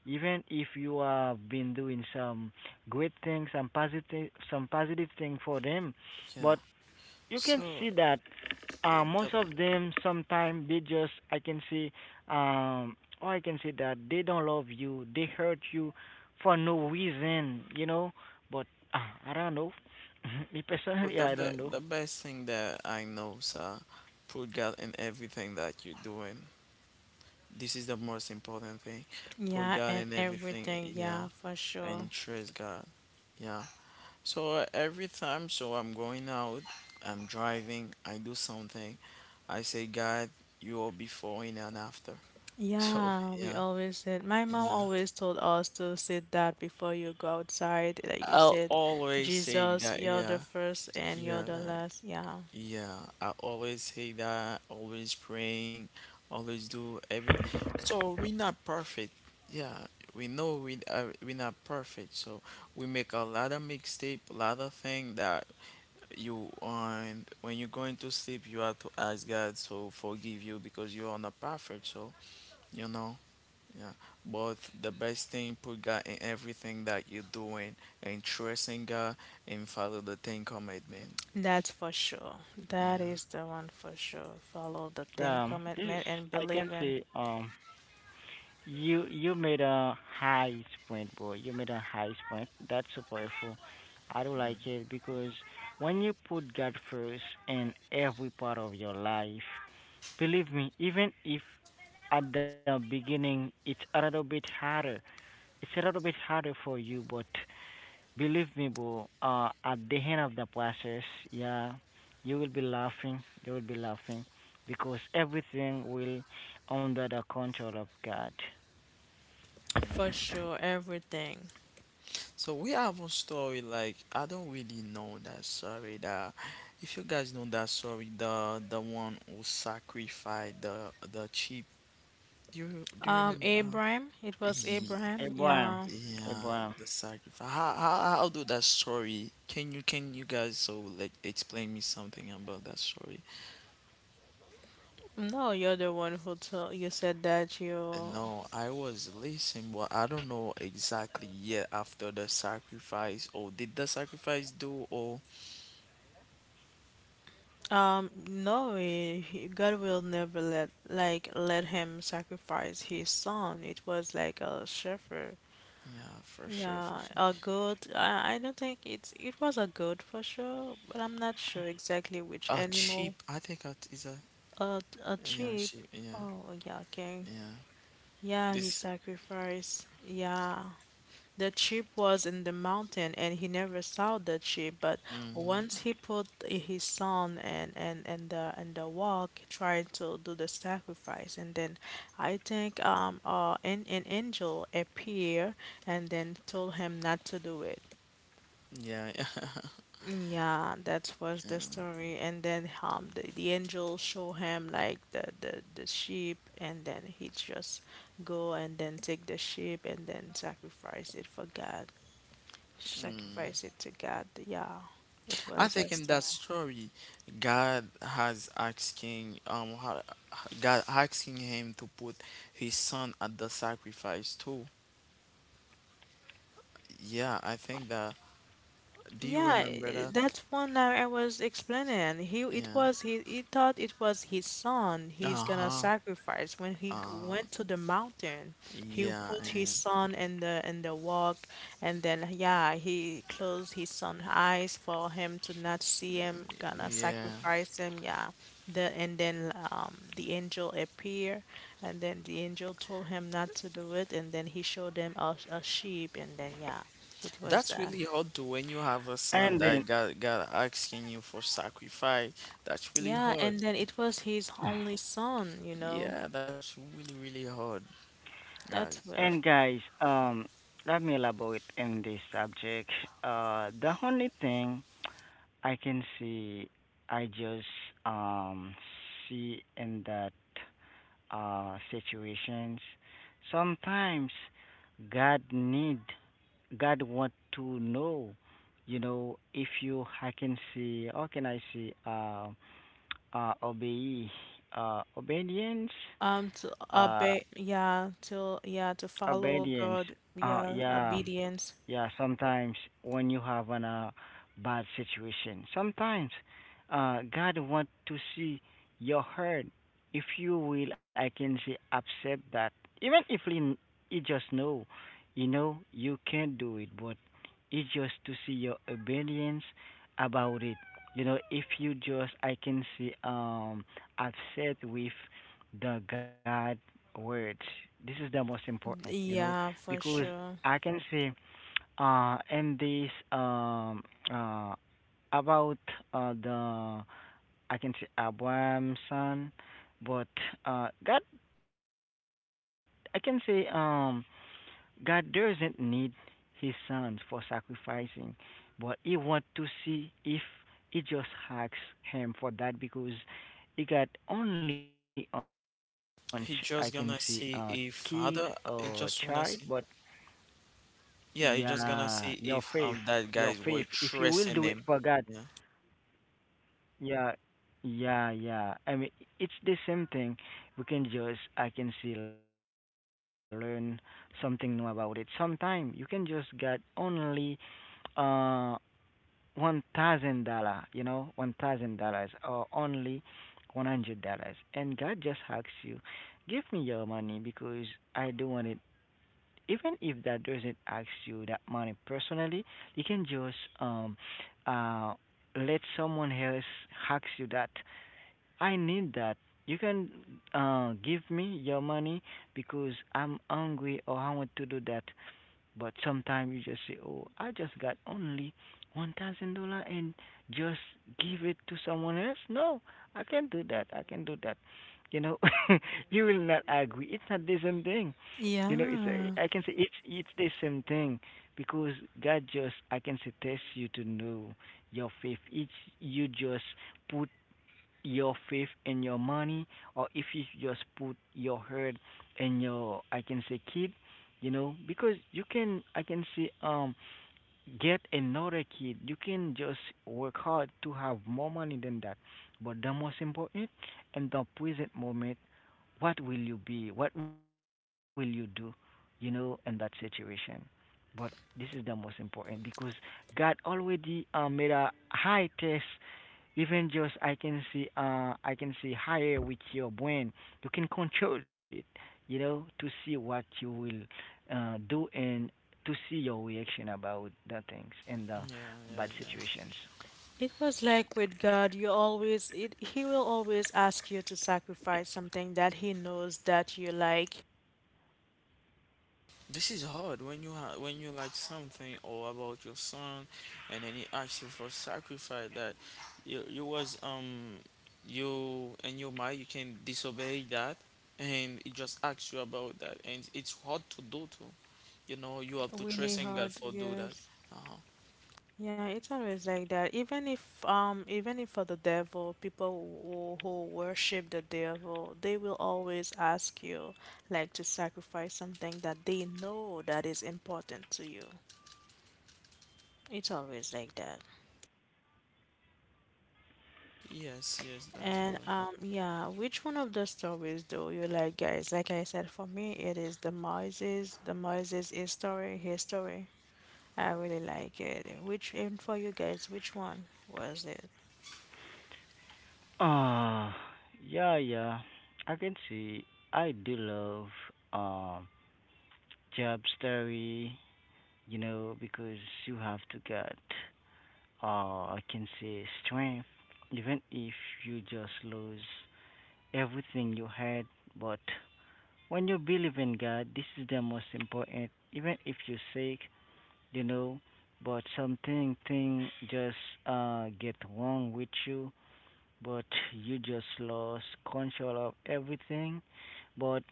[SPEAKER 3] Even if you have been doing some great things, some positive, some positive thing for them, but
[SPEAKER 2] Yeah.
[SPEAKER 3] you can
[SPEAKER 2] So
[SPEAKER 3] see that
[SPEAKER 2] uh,
[SPEAKER 3] uh, most
[SPEAKER 2] the
[SPEAKER 3] of them sometimes they just I can see um or I can see that they don't love you, they hurt you for no reason, you know. But uh, I don't know. Me
[SPEAKER 2] but
[SPEAKER 3] personally,
[SPEAKER 2] the
[SPEAKER 3] I
[SPEAKER 2] be
[SPEAKER 3] don't know.
[SPEAKER 2] the best thing that I know, sir, put God in everything that you're doing. This is the most important thing. Put
[SPEAKER 4] Yeah,
[SPEAKER 2] God
[SPEAKER 4] and
[SPEAKER 2] in everything.
[SPEAKER 4] everything.
[SPEAKER 2] Yeah,
[SPEAKER 4] Yeah, for
[SPEAKER 2] and
[SPEAKER 4] sure.
[SPEAKER 2] trust God. Yeah. So uh, every time, so I'm going out, I'm driving, I do something, I say, God, you are before and after. So
[SPEAKER 4] Yeah, we
[SPEAKER 2] yeah,
[SPEAKER 4] always said my mom
[SPEAKER 2] yeah.
[SPEAKER 4] always told us to say that before you go outside that you
[SPEAKER 2] I'll
[SPEAKER 4] said
[SPEAKER 2] always say
[SPEAKER 4] Jesus,
[SPEAKER 2] that.
[SPEAKER 4] you're the
[SPEAKER 2] Yeah.
[SPEAKER 4] first and you're
[SPEAKER 2] Yeah,
[SPEAKER 4] the
[SPEAKER 2] right.
[SPEAKER 4] last. Yeah.
[SPEAKER 2] Yeah. I always say that, always praying, always do everything. So we're not perfect. Yeah, we know we are, we're not perfect. So we make a lot of mistake, a lot of thing that, you on, when you're going to sleep, you have to ask God so forgive you because you are not perfect. So you know, yeah. But the best thing, put God in everything that you're doing and trusting God and follow the Ten Commandment.
[SPEAKER 4] That's for sure. That
[SPEAKER 2] Yeah.
[SPEAKER 4] is the one for sure. Follow the Ten
[SPEAKER 3] Um, this is
[SPEAKER 4] Commandment and
[SPEAKER 3] I can
[SPEAKER 4] believe in.
[SPEAKER 3] say um you you made a high point, boy. You made a high point. That's so powerful. I do like it because when you put God first in every part of your life, believe me, even if at the beginning it's a little bit harder, it's a little bit harder for you, but believe me, bro, uh, at the end of the process, yeah, you will be laughing, you will be laughing, because everything will under the control of God.
[SPEAKER 4] For
[SPEAKER 2] Yeah.
[SPEAKER 4] sure, everything.
[SPEAKER 2] So we have a story like I don't really know that story. That, if you guys know that story, the the one who sacrificed the the sheep. Do you do you
[SPEAKER 4] Um,
[SPEAKER 2] remember? Uh,
[SPEAKER 4] Abraham, it was
[SPEAKER 2] ye-
[SPEAKER 4] Abraham. Yeah.
[SPEAKER 3] Abraham,
[SPEAKER 2] yeah,
[SPEAKER 3] Abraham.
[SPEAKER 2] the sacrifice. How, how how do that story? Can you can you guys so like explain me something about that story?
[SPEAKER 4] No, you're the one who told you said that
[SPEAKER 2] Uh,
[SPEAKER 4] you.
[SPEAKER 2] No, I was listening, but I don't know exactly yet after the sacrifice. Or did the sacrifice do? Or
[SPEAKER 4] Um, no, eh, he- God will never let like let him sacrifice his son. It was like a shepherd.
[SPEAKER 2] yeah, for sure, for
[SPEAKER 4] Yeah,
[SPEAKER 2] sure.
[SPEAKER 4] a goat. I, I don't think it's it was a goat for sure, but I'm not sure exactly which
[SPEAKER 2] Uh,
[SPEAKER 4] animal.
[SPEAKER 2] cheap. I think it is a
[SPEAKER 4] A a
[SPEAKER 2] yeah,
[SPEAKER 4] sheep.
[SPEAKER 2] cheap. Yeah,
[SPEAKER 4] Oh yeah, okay.
[SPEAKER 2] yeah.
[SPEAKER 4] Yeah, he
[SPEAKER 2] This.
[SPEAKER 4] sacrificed. Yeah. The sheep was in the mountain and he never saw the sheep, but
[SPEAKER 2] Mm-hmm.
[SPEAKER 4] once he put his son and and and the and the walk trying to do the sacrifice and then I think um uh an, an angel appeared and then told him not to do it.
[SPEAKER 2] Yeah. Yeah.
[SPEAKER 4] Yeah, that was the story. And then um the, the angel show him like the, the the sheep and then he just go and then take the sheep and then sacrifice it for God.
[SPEAKER 2] Mm.
[SPEAKER 4] Sacrifice it to God. Yeah, it
[SPEAKER 2] I
[SPEAKER 4] was
[SPEAKER 2] think
[SPEAKER 4] that
[SPEAKER 2] in that
[SPEAKER 4] time.
[SPEAKER 2] story, God has asking um ha- God asking him to put his son at the sacrifice too. Yeah, I think that. Do you
[SPEAKER 4] Yeah,
[SPEAKER 2] remember
[SPEAKER 4] eh,
[SPEAKER 2] that?
[SPEAKER 4] that's one that I was explaining. He it
[SPEAKER 2] Yeah.
[SPEAKER 4] was he he thought it was his son he's
[SPEAKER 2] Uh
[SPEAKER 4] gonna
[SPEAKER 2] huh.
[SPEAKER 4] sacrifice. When he g-
[SPEAKER 2] Uh
[SPEAKER 4] went to the mountain, he
[SPEAKER 2] yeah.
[SPEAKER 4] put his
[SPEAKER 2] And,
[SPEAKER 4] son in the in the walk and then yeah, he closed his son's eyes for him to not see him, gonna
[SPEAKER 2] yeah.
[SPEAKER 4] sacrifice him, yeah. The and then um the angel appear and then the angel told him not to do it and then he showed them a, a sheep and then yeah, it was
[SPEAKER 2] That's
[SPEAKER 4] that.
[SPEAKER 2] really hard, to when you have a son
[SPEAKER 3] And then,
[SPEAKER 2] that God God asking you for sacrifice. That's really
[SPEAKER 4] Yeah,
[SPEAKER 2] hard.
[SPEAKER 4] and then it was his only son, you know.
[SPEAKER 2] Yeah, that's really really hard,
[SPEAKER 4] That's
[SPEAKER 2] guys.
[SPEAKER 4] well.
[SPEAKER 3] and guys, um, let me elaborate in this subject. Uh, the only thing I can see I just um see in that uh situations sometimes God need, God want to know, you know, if you I can see how can I see uh uh obey uh obedience,
[SPEAKER 4] Um, to
[SPEAKER 3] uh
[SPEAKER 4] obey, yeah, to yeah, to follow
[SPEAKER 3] obedience,
[SPEAKER 4] God,
[SPEAKER 3] uh
[SPEAKER 4] yeah,
[SPEAKER 3] yeah.
[SPEAKER 4] obedience,
[SPEAKER 3] Yeah, sometimes when you have an uh, bad situation, sometimes uh, God want to see your hurt, if you will, I can say accept that. Even if he, he just know, you know, you can't do it, but it's just to see your obedience about it. You know, if you just, I can see, um, upset with the God words. This is the most important, you know,
[SPEAKER 4] yeah, for
[SPEAKER 3] because
[SPEAKER 4] sure.
[SPEAKER 3] I can say uh, and this um uh about uh the I can say Abraham's son, but uh God I can say um God doesn't need his sons for sacrificing, but he want to see if he just asks him for that because he got only on ch- I can say uh kids
[SPEAKER 2] He just
[SPEAKER 3] or
[SPEAKER 2] gonna
[SPEAKER 3] child,
[SPEAKER 2] see
[SPEAKER 3] but
[SPEAKER 2] if other. He just wanna see.
[SPEAKER 3] yeah, your faith,
[SPEAKER 2] Yeah, he
[SPEAKER 3] your
[SPEAKER 2] just gonna
[SPEAKER 3] faith.
[SPEAKER 2] see
[SPEAKER 3] If you
[SPEAKER 2] if
[SPEAKER 3] will do
[SPEAKER 2] um
[SPEAKER 3] it
[SPEAKER 2] that
[SPEAKER 3] for
[SPEAKER 2] guys
[SPEAKER 3] God.
[SPEAKER 2] were trusting him. Yeah.
[SPEAKER 3] Yeah, yeah, yeah. I mean, it's the same thing. We can just, I can see, learn something new about it. Sometime you can just get only uh one thousand dollar, you know, one thousand dollars or only one hundred dollars, and God just asks you, give me your money because I do want it even if that doesn't ask you that money personally, you can just um uh let someone else ask you that I need that. You can uh give me your money because I'm hungry or I want to do that. But sometimes you just say, "Oh, I just got only one thousand dollar and just give it to someone else." No, I can't do that. I can do that. You know, you will not agree. It's not the same thing. You know, it's
[SPEAKER 4] Yeah.
[SPEAKER 3] I can say it's it's the same thing because God just I can say test you to know your faith. It's you just put your faith and your money, or if you just put your heart and your I can say kid, you know, because you can I can say um get another kid. You can just work hard to have more money than that. But the most important in the present moment, what will you be? What will you do? You know, in that situation. But this is the most important because God already uh, made a high test even just I can see uh I can see higher with your brain. You can control it, you know, to see what you will uh do and to see your reaction about the things
[SPEAKER 2] Yeah.
[SPEAKER 3] and the
[SPEAKER 2] Yeah.
[SPEAKER 3] bad
[SPEAKER 2] Yeah.
[SPEAKER 3] situations.
[SPEAKER 4] It was like with God, you always it he will always ask you to sacrifice something that he knows that you like
[SPEAKER 2] This is hard when you ha- when you like something or about your son, and then he asks you for sacrifice that you you was um you in your mind you can disobey that, and he just asks you about that, and it's hard to do too. You know you have to
[SPEAKER 4] really
[SPEAKER 2] trust in God
[SPEAKER 4] hard,
[SPEAKER 2] for do that.
[SPEAKER 4] yes.
[SPEAKER 2] uh
[SPEAKER 4] Yeah, it's always like that. Even if um even if for the devil, people who, who worship the devil, they will always ask you like to sacrifice something that they know that is important to you. It's always like that.
[SPEAKER 2] Yes, yes, that's
[SPEAKER 4] And
[SPEAKER 2] hard.
[SPEAKER 4] um yeah, which one of the stories do you like, guys? Like I said, for me it is the Moses, the Moses his story. His I really like it. Which and for you guys, which one was it?
[SPEAKER 3] Uh yeah, yeah. I can see I do love um job story, you know, because you have to get uh I can say strength even if you just lose everything you had, but when you believe in God, this is the most important. Even if you're sick, you know, but something thing just uh get wrong with you, but you just lost control of everything. But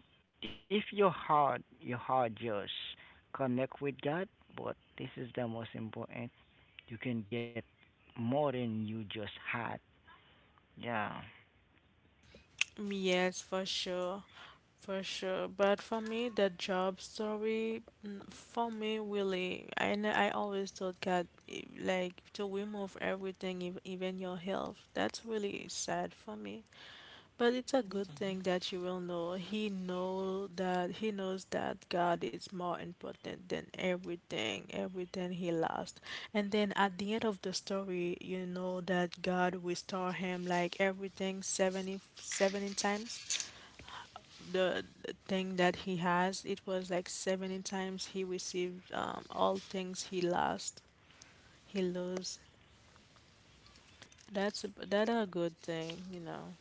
[SPEAKER 3] if your heart, your heart just connect with God, but this is the most important. You can get more than you just had. Yeah.
[SPEAKER 4] Yes, for sure. For sure, but for me, the job story, mm, for me, really, I n- I always thought God, eh, like to remove everything, ev- even your health. That's really sad for me. But it's a good thing that you will know. He know that he knows that God is more important than everything, everything he lost. And then at the end of the story, you know that God restore him like everything seventy seventy times the the thing that he has, it was like seventy times he received um, all things he lost, he lose. That's a, that a good thing, you know.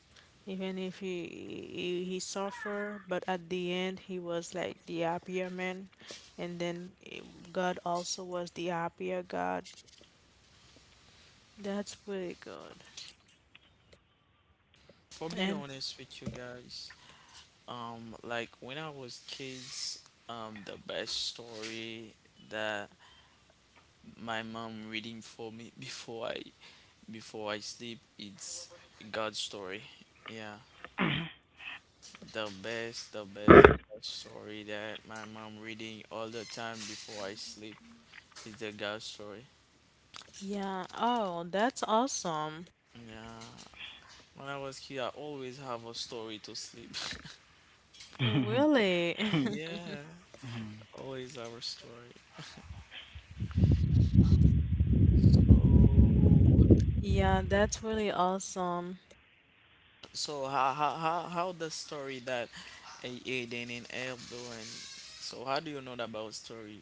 [SPEAKER 4] Even if he, he he suffer, but at the end he was like the happier man, and then eh, God also was the happier God. That's pretty good.
[SPEAKER 2] For be
[SPEAKER 4] And
[SPEAKER 2] honest with you guys, um, like when I was kids, um, the best story that my mom reading for me before I before I sleep. It's God's story. Yeah, the best, the best, the best story that my mom reading all the time before I sleep is the God story.
[SPEAKER 4] yeah, oh, that's awesome.
[SPEAKER 2] Yeah, when I was kid, I always have a story to sleep.
[SPEAKER 4] Really?
[SPEAKER 2] Yeah, always have a story. So,
[SPEAKER 4] Yeah, that's really awesome.
[SPEAKER 2] so how how how how the story that A- Aiden and Elb doing? So how do you know about story?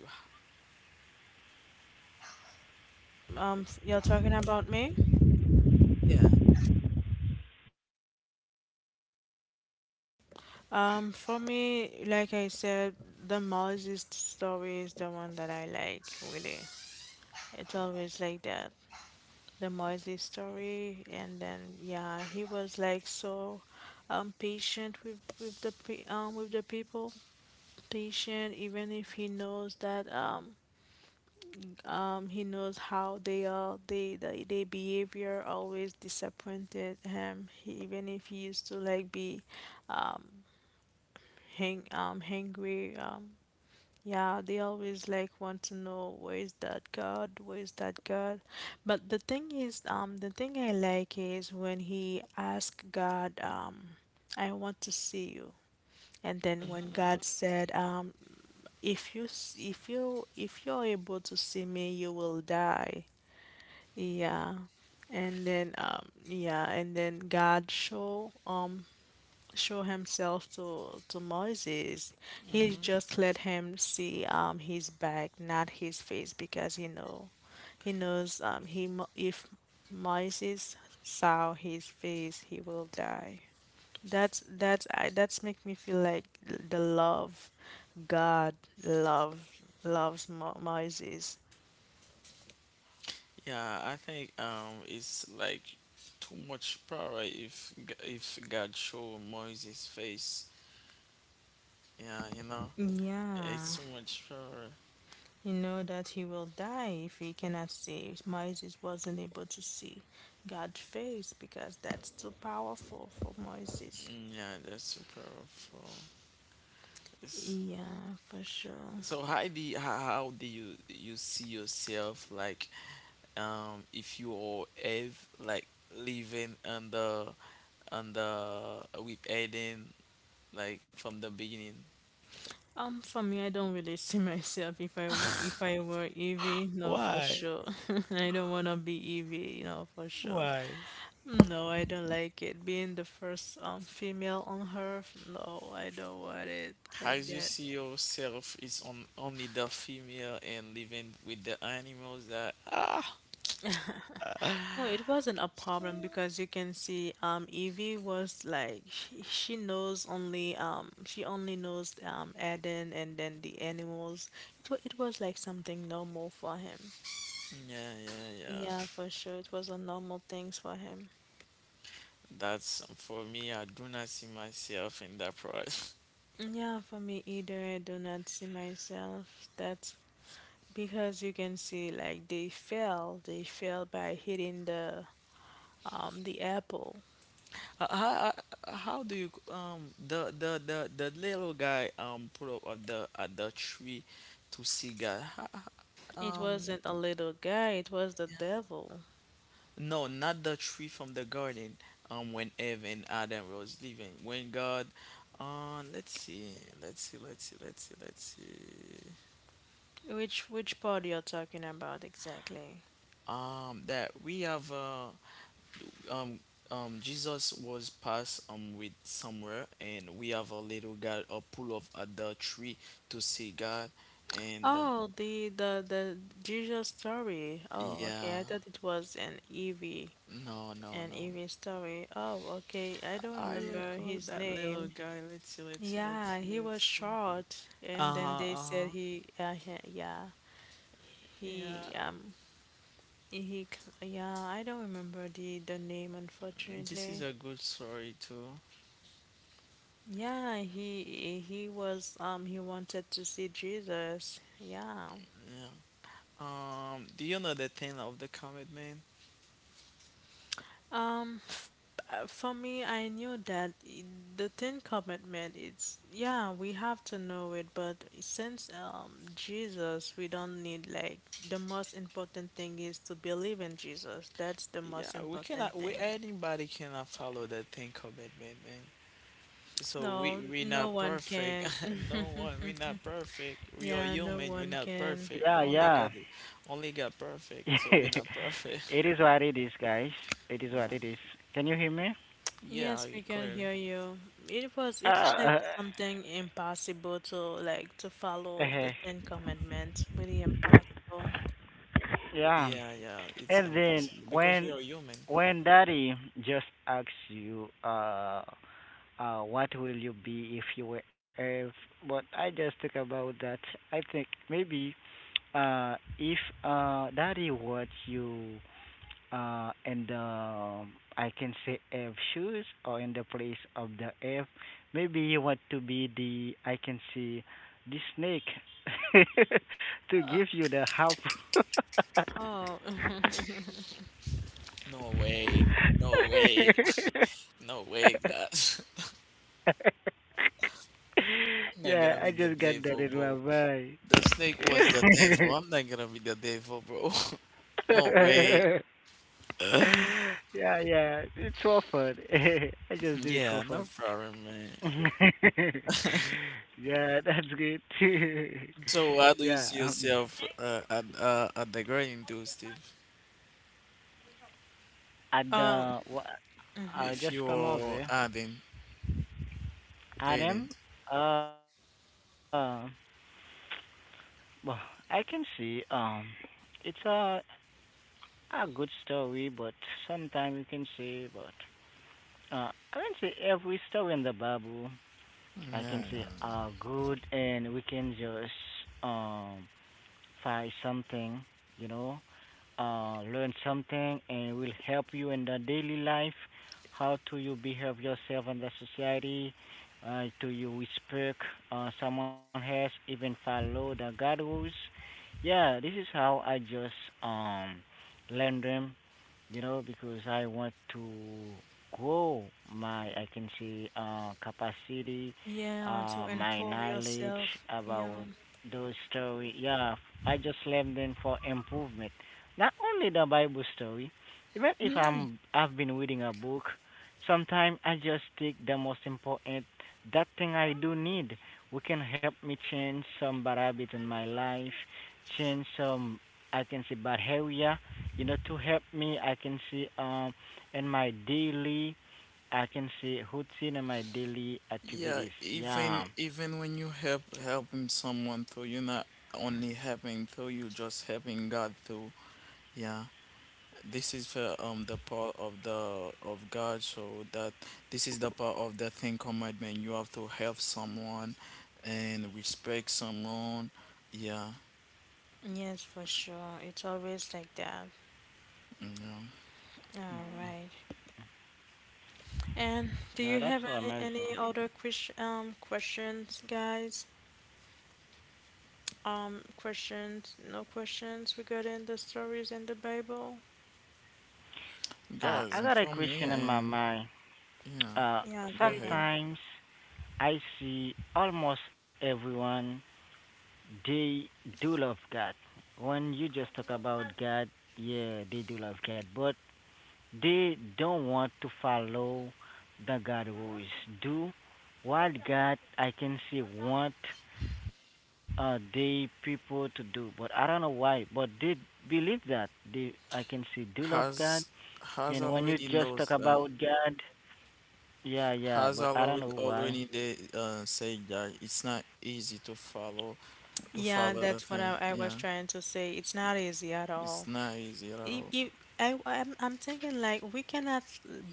[SPEAKER 4] Um, f- you're talking about me?
[SPEAKER 2] Yeah.
[SPEAKER 4] Um, for me, like I said, the Moses story is the one that I like, really. It's always like that. The Moses story, and then yeah, he was like so um patient with with the pe- um with the people, patient even if he knows that um um he knows how they are, they they their behavior always disappointed him. He, even if he used to like be um hang um hangry, um yeah, they always like want to know where is that God, where is that God. But the thing is um the thing I like is when he asked God, um I want to see you. And then when God said, um if you s- if you if you're able to see me you will die. Yeah, and then um yeah, and then God show um show himself to to Moses. He
[SPEAKER 2] Hmm.
[SPEAKER 4] just let him see um his back, not his face, because he know he knows. Um he mo- if Moses saw his face, he will die. That's that's I that's make me feel like the love God love loves Mo- Moses.
[SPEAKER 2] Yeah, I think um it's like too much power if G- if God show Moses' face. Yeah, you know,
[SPEAKER 4] Yeah.
[SPEAKER 2] it's too much power.
[SPEAKER 4] You know that he will die if he cannot see. Moses wasn't able to see God's face because that's too powerful for Moses.
[SPEAKER 2] Mm, yeah, that's too powerful. It's,
[SPEAKER 4] Yeah, for sure.
[SPEAKER 2] so how do you, how, how do you you see yourself like um if you are Eve like living under under with Eden like from the beginning?
[SPEAKER 4] Um, for me, I don't really see myself if I w- if I were Evie. No, for
[SPEAKER 2] Why?
[SPEAKER 4] sure. I don't wanna be Evie. You know, for sure.
[SPEAKER 2] Why?
[SPEAKER 4] No, I don't like it. Being the first um female on Earth. No, I don't want it like
[SPEAKER 2] As you
[SPEAKER 4] that.
[SPEAKER 2] see yourself is on only the female and living with the animals that ah.
[SPEAKER 4] No, it wasn't a problem because you can see um Evie was like she, she knows only um she only knows um Eden and then the animals. It wa it was like something normal for him.
[SPEAKER 2] Yeah, yeah, yeah,
[SPEAKER 4] Yeah, for sure. It was a normal things for him.
[SPEAKER 2] that's um, for me I do not see myself in that price.
[SPEAKER 4] Yeah, for me either. I do not see myself. That's because you can see like they fell. They fell by hitting the um the apple.
[SPEAKER 2] How, how do you um the the the, the little guy um put up at the at the tree to see God Ho-
[SPEAKER 4] It
[SPEAKER 2] um
[SPEAKER 4] wasn't a little guy, it was the devil.
[SPEAKER 2] no, not the tree from the garden. Um, when Eve and Adam was living, when God, uh, let's see, let's see, let's see, let's see, let's see.
[SPEAKER 4] Which which part you're talking about exactly?
[SPEAKER 2] Um, that we have uh, um, um, Jesus was passed um with somewhere, and we have a little guy a pull of at the tree to see God, and uh,
[SPEAKER 4] Oh, the the the Jesus story. Oh,
[SPEAKER 2] yeah,
[SPEAKER 4] okay. I thought it was an Evie,
[SPEAKER 2] no, no,
[SPEAKER 4] an
[SPEAKER 2] no.
[SPEAKER 4] Evie story. Oh, okay. I don't
[SPEAKER 2] I
[SPEAKER 4] remember
[SPEAKER 2] call
[SPEAKER 4] his
[SPEAKER 2] that little
[SPEAKER 4] name.
[SPEAKER 2] guy. Let's see, let's see, let's
[SPEAKER 4] Yeah,
[SPEAKER 2] see,
[SPEAKER 4] he was
[SPEAKER 2] let's see.
[SPEAKER 4] short,
[SPEAKER 2] Uh
[SPEAKER 4] and then
[SPEAKER 2] huh,
[SPEAKER 4] they
[SPEAKER 2] uh
[SPEAKER 4] said
[SPEAKER 2] huh.
[SPEAKER 4] he, uh, he- yeah,
[SPEAKER 2] Yeah.
[SPEAKER 4] he, um, he, cl- yeah, I don't remember the the name
[SPEAKER 2] This is
[SPEAKER 4] unfortunately.
[SPEAKER 2] a good story too.
[SPEAKER 4] Yeah, he he was um he wanted to see Jesus. Yeah.
[SPEAKER 2] Yeah. Um. Do you know the thing of the commitment?
[SPEAKER 4] Um, f- uh, for me, I knew that I- the Ten Commandment is. Yeah, we have to know it, but since um Jesus, we don't need like the most important thing is to believe in Jesus. That's the most
[SPEAKER 2] Yeah. We cannot.
[SPEAKER 4] important
[SPEAKER 2] We
[SPEAKER 4] thing.
[SPEAKER 2] anybody cannot follow that thing commitment, man. So
[SPEAKER 4] No,
[SPEAKER 2] we we
[SPEAKER 4] no
[SPEAKER 2] not
[SPEAKER 4] one
[SPEAKER 2] perfect.
[SPEAKER 4] can.
[SPEAKER 2] No one. We not perfect. We are
[SPEAKER 4] Yeah, no
[SPEAKER 2] human. We
[SPEAKER 4] one
[SPEAKER 2] not
[SPEAKER 4] can.
[SPEAKER 2] perfect.
[SPEAKER 3] yeah,
[SPEAKER 2] Only
[SPEAKER 3] yeah.
[SPEAKER 2] God. Only God perfect. So we not perfect.
[SPEAKER 3] It is what it is, guys. It is what
[SPEAKER 2] Yeah.
[SPEAKER 3] it is. Can you hear me?
[SPEAKER 2] Yeah.
[SPEAKER 4] Yes, we
[SPEAKER 2] I-
[SPEAKER 4] can
[SPEAKER 2] clearly.
[SPEAKER 4] hear you. It was
[SPEAKER 3] Uh,
[SPEAKER 4] it's like
[SPEAKER 3] uh,
[SPEAKER 4] something impossible to like to follow the Ten Commandments, really impossible.
[SPEAKER 3] yeah.
[SPEAKER 2] Yeah. Yeah. It's
[SPEAKER 3] And then
[SPEAKER 2] impossible because we
[SPEAKER 3] when
[SPEAKER 2] are human.
[SPEAKER 3] when Daddy just asks you, uh, uh, what will you be if you were Earth? But I just think about that. I think maybe, uh, if uh Daddy wants you uh, and um, I can say F shoes or in the place of the F. Maybe you want to be the I can see the snake to give you the help.
[SPEAKER 4] Oh,
[SPEAKER 2] No way. No way. No way, God. I'm not
[SPEAKER 3] yeah,
[SPEAKER 2] gonna
[SPEAKER 3] I
[SPEAKER 2] be the
[SPEAKER 3] just got that in my
[SPEAKER 2] devil.
[SPEAKER 3] mind.
[SPEAKER 2] The snake was the devil. I'm not gonna be the devil, bro. No way.
[SPEAKER 3] yeah, yeah, it's for fun. I just do it for
[SPEAKER 2] Yeah, no
[SPEAKER 3] fun.
[SPEAKER 2] problem, man.
[SPEAKER 3] yeah, that's good.
[SPEAKER 2] So, how do you
[SPEAKER 3] Yeah,
[SPEAKER 2] see
[SPEAKER 3] um,
[SPEAKER 2] yourself uh, at uh, at the grading too, Steve?
[SPEAKER 3] at
[SPEAKER 4] um,
[SPEAKER 3] the wha
[SPEAKER 4] mhm.
[SPEAKER 3] I
[SPEAKER 2] If
[SPEAKER 3] just come over.
[SPEAKER 2] you're
[SPEAKER 3] Here.
[SPEAKER 2] adding, adding.
[SPEAKER 3] Adam, uh, well, I can see um, it's a a good story, but sometimes you can say, but uh, I can say every story in the Bible, I can say
[SPEAKER 2] Yeah,
[SPEAKER 3] are good, and we can just um find something, you know, uh, learn something, and will help you in the daily life. How to you behave yourself in the society? Uh, do you respect uh, someone else? Even follow the God rules? Yeah, this is how I just um learn them, you know, because I want to grow my, I can say, uh, capacity,
[SPEAKER 4] Yeah, to
[SPEAKER 3] uh, my
[SPEAKER 4] improve
[SPEAKER 3] knowledge
[SPEAKER 4] yourself.
[SPEAKER 3] about
[SPEAKER 4] Yeah,
[SPEAKER 3] those story. Yeah, I just learned them for improvement. Not only the Bible story, even if
[SPEAKER 2] yeah. Mm,
[SPEAKER 3] I'm, I've been reading a book, sometimes I just take the most important, that thing I do need. We can help me change some bad habit in my life, change some, I can say, bad area, you know, to help me, I can see um in my daily, I can see routine in my daily
[SPEAKER 2] yeah.
[SPEAKER 3] activities.
[SPEAKER 2] Even
[SPEAKER 3] Yeah,
[SPEAKER 2] even when you help helping someone, though you're not only helping, though you're just helping God, though. Yeah. This is for um the part of the of God, so that this is the part of the thing commandment. You have to help someone and respect someone. Yeah,
[SPEAKER 4] yes, for sure. It's always like that.
[SPEAKER 2] you know.
[SPEAKER 4] All right. And do
[SPEAKER 3] yeah,
[SPEAKER 4] you
[SPEAKER 3] that's so
[SPEAKER 4] have any,
[SPEAKER 3] amazing.
[SPEAKER 4] any other ques- um questions, guys? Um, questions? No questions regarding the stories in the Bible?
[SPEAKER 3] Uh, I
[SPEAKER 2] Guys,
[SPEAKER 3] got a
[SPEAKER 2] for me
[SPEAKER 3] question in my
[SPEAKER 2] and
[SPEAKER 3] mind.
[SPEAKER 2] yeah,
[SPEAKER 3] Uh,
[SPEAKER 4] Yeah,
[SPEAKER 2] go
[SPEAKER 4] go
[SPEAKER 2] ahead.
[SPEAKER 4] ahead.
[SPEAKER 3] sometimes I see almost everyone they do love God. When you just talk about God, yeah, they do love God, but they don't want to follow the God rules. Do what God I can say want uh they people to do. But I don't know why. But they believe that. They I can say do love God.
[SPEAKER 2] Has has
[SPEAKER 3] And when you
[SPEAKER 2] already
[SPEAKER 3] just talk
[SPEAKER 2] knows that.
[SPEAKER 3] about God, yeah, yeah,
[SPEAKER 2] Has
[SPEAKER 3] but I don't
[SPEAKER 2] already
[SPEAKER 3] know why.
[SPEAKER 2] already they uh, say that it's not easy to follow to
[SPEAKER 4] Yeah,
[SPEAKER 2] follow the
[SPEAKER 4] that's what I,
[SPEAKER 2] thing.
[SPEAKER 4] I was
[SPEAKER 2] Yeah,
[SPEAKER 4] trying to say. It's not easy at
[SPEAKER 2] it's
[SPEAKER 4] all.
[SPEAKER 2] not easy at
[SPEAKER 4] If,
[SPEAKER 2] all.
[SPEAKER 4] if I, I'm, I'm thinking like we cannot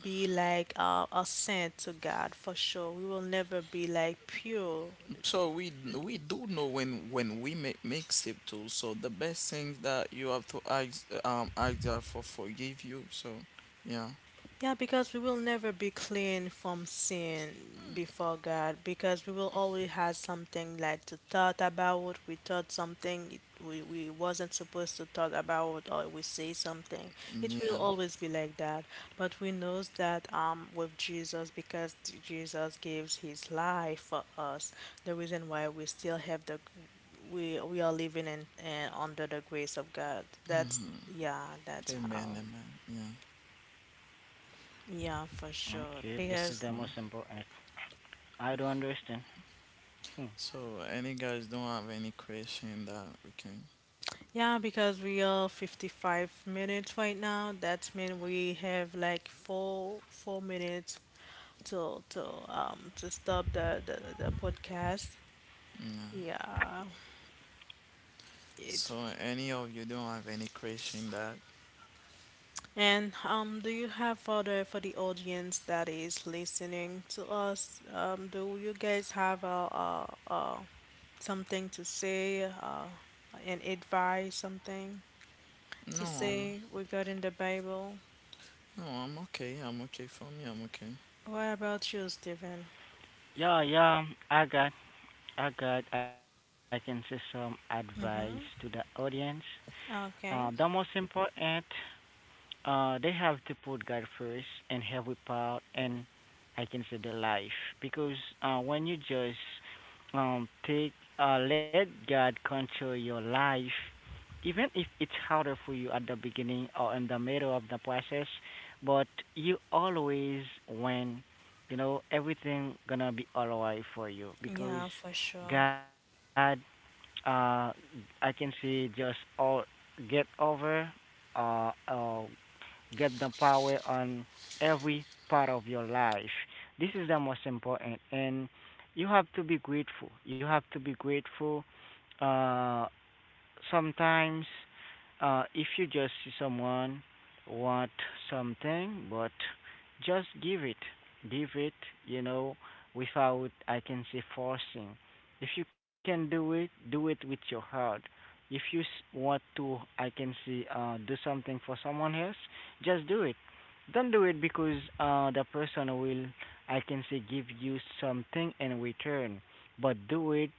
[SPEAKER 4] be like uh, a saint to God for sure. We will never be like pure.
[SPEAKER 2] So we we do know when when we make mixtape too. So the best thing that you have to ask um ask God for forgive you. So yeah,
[SPEAKER 4] Yeah, because we will never be clean from sin before God, because we will always have something like to thought about. We thought something it- we, we wasn't supposed to thought about, or we say something. It will
[SPEAKER 2] yeah.
[SPEAKER 4] always be like that. But we knows that um with Jesus, because t- Jesus gives His life for us, the reason why we still have the we we are living in, in under the grace of God. That's
[SPEAKER 2] Hmm.
[SPEAKER 4] yeah, that's how.
[SPEAKER 2] Amen, amen. Yeah.
[SPEAKER 4] Yeah, for sure.
[SPEAKER 3] Okay, this is the
[SPEAKER 4] Because
[SPEAKER 2] So
[SPEAKER 3] most important. I don't understand. Hmm.
[SPEAKER 2] so any guys don't have any question that we can.
[SPEAKER 4] Yeah, because we are fifty-five minutes right now. That's mean we have like four four minutes to to um to stop the the, the podcast.
[SPEAKER 2] Yeah.
[SPEAKER 4] Yeah, it.
[SPEAKER 2] So any of you don't have any question that
[SPEAKER 4] And um, do you have for the for the audience that is listening to us? Um, do you guys have a, a, a something to say? Uh, an advice, something
[SPEAKER 2] no
[SPEAKER 4] to
[SPEAKER 2] I'm
[SPEAKER 4] say regarding the Bible?
[SPEAKER 2] no I'm okay, I'm okay for me I'm okay.
[SPEAKER 4] What about you, Stephen?
[SPEAKER 3] Yeah, yeah, I got, I got, I can say some advice to the
[SPEAKER 4] Mm-hmm.
[SPEAKER 3] audience. Uh, the most
[SPEAKER 4] Okay.
[SPEAKER 3] important Uh, they have to put God first and every part, and I can say the life because uh, when you just um take uh let God control your life, even if it's harder for you at the beginning or in the middle of the process, but you always win. You know everything gonna be alright for you because
[SPEAKER 4] Yeah, for sure.
[SPEAKER 3] God uh, I can see just all get over, uh, uh, get the power on every part of your life. This is the most important, and you have to be grateful. You have to be grateful, uh, sometimes uh, if you just see someone want something, but just give it, give it, you know, without I can say forcing. If you can do it, do it with your heart. If you s- want to, I can say, uh, do something for someone else, just do it. Don't do it because uh, the person will, I can say, give you something in return. But do it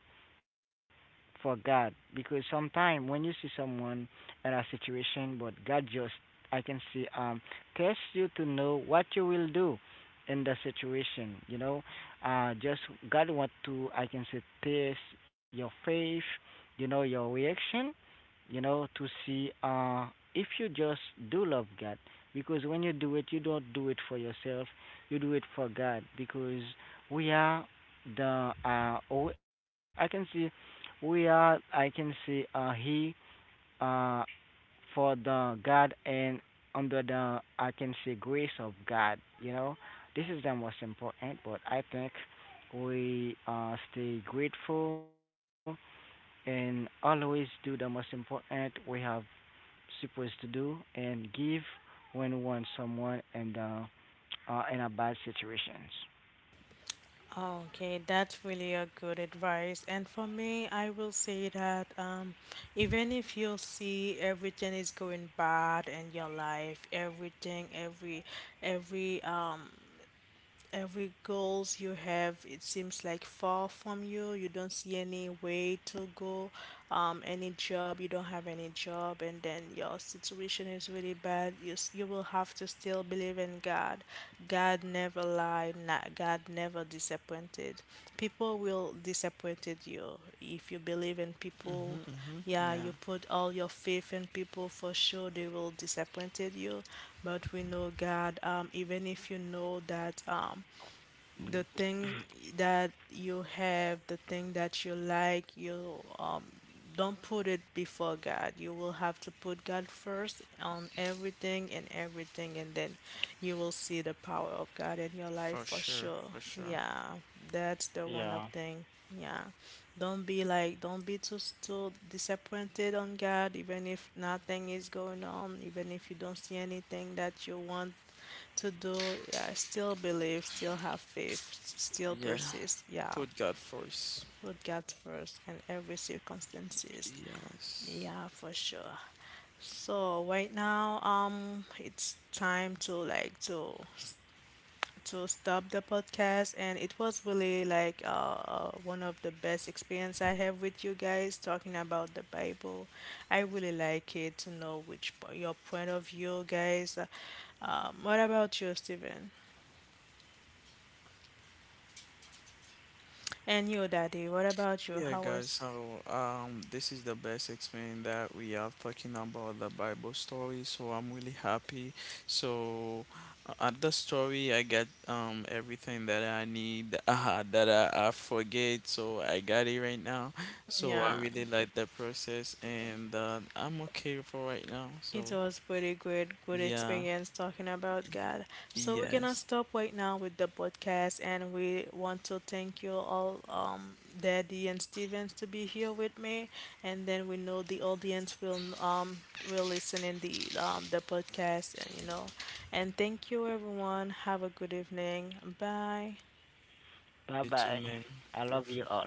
[SPEAKER 3] for God because sometimes when you see someone in a situation, but God just I can see um test you to know what you will do in the situation. You know, uh, just God want to I can say test your faith, you know your reaction, you know, to see uh, if you just do love God. Because when you do it, you don't do it for yourself, you do it for God. Because we are the, uh, oh, I can see, we are, I can see, uh, He uh, for the God and under the, I can say, grace of God, you know. This is the most important, but I think we uh, stay grateful and always do the most important. We have supposed to do and give when one someone and uh, are in a bad situations.
[SPEAKER 4] Oh, okay, that's really a good advice. And for me, I will say that um, even if you see everything is going bad in your life, everything, every, every um Every goals you have, it seems like far from you. You don't see any way to go, um, any job. You don't have any job, and then your situation is really bad. You s- you will have to still believe in God. God never lies. why na- God never disappointed. People will disappointed you if you believe in people.
[SPEAKER 2] Mm-hmm, mm-hmm.
[SPEAKER 4] Yeah, you
[SPEAKER 2] Yeah,
[SPEAKER 4] put all your faith in people for sure they will disappointed you. But we know God. Um, even if you know that um, the thing that you have, the thing that you like, you um don't put it before God. You will have to put God first on everything and everything and then you will see the power of God in your life
[SPEAKER 2] for
[SPEAKER 4] for
[SPEAKER 2] sure,
[SPEAKER 4] sure.
[SPEAKER 2] for sure.
[SPEAKER 4] Yeah. That's the one of
[SPEAKER 3] Yeah.
[SPEAKER 4] thing. Yeah. Don't be like don't be too too disappointed on God even if nothing is going on, even if you don't see anything that you want to do. Yeah, I still believe, still have faith, still
[SPEAKER 2] Yeah.
[SPEAKER 4] persist. Yeah,
[SPEAKER 2] Put God first.
[SPEAKER 4] put God first in every circumstances.
[SPEAKER 2] Yes.
[SPEAKER 4] Yeah, for sure. So right now, um, it's time to like to to stop the podcast, and it was really like uh uh, one of the best experience I have with you guys talking about the Bible. I really like it to know which po- your point of view, guys. Uh, Um, what about you, Steven? And you, Daddy, what about you?
[SPEAKER 2] Yeah,
[SPEAKER 4] How
[SPEAKER 2] guys.
[SPEAKER 4] was?
[SPEAKER 2] So, um, this is the best explain that we have talking about the Bible story. So I'm really happy. So uh, at the story, I got um everything that I need uh, that I, I forget. So I got it right now. So I
[SPEAKER 4] Yeah,
[SPEAKER 2] really like the process, and uh, I'm okay for right now. So
[SPEAKER 4] it was pretty good, good
[SPEAKER 2] yeah.
[SPEAKER 4] experience talking about God. So we're gonna
[SPEAKER 2] Yes.
[SPEAKER 4] stop right now with the podcast, and we want to thank you all, um, Daddy and Stevens, to be here with me. And then we know the audience will um will listen in the um the podcast, and you know, and thank you everyone. Have a good evening. Bye.
[SPEAKER 3] Bye
[SPEAKER 2] You
[SPEAKER 3] bye.
[SPEAKER 2] too, man.
[SPEAKER 3] I love you
[SPEAKER 2] Perfect.
[SPEAKER 3] all.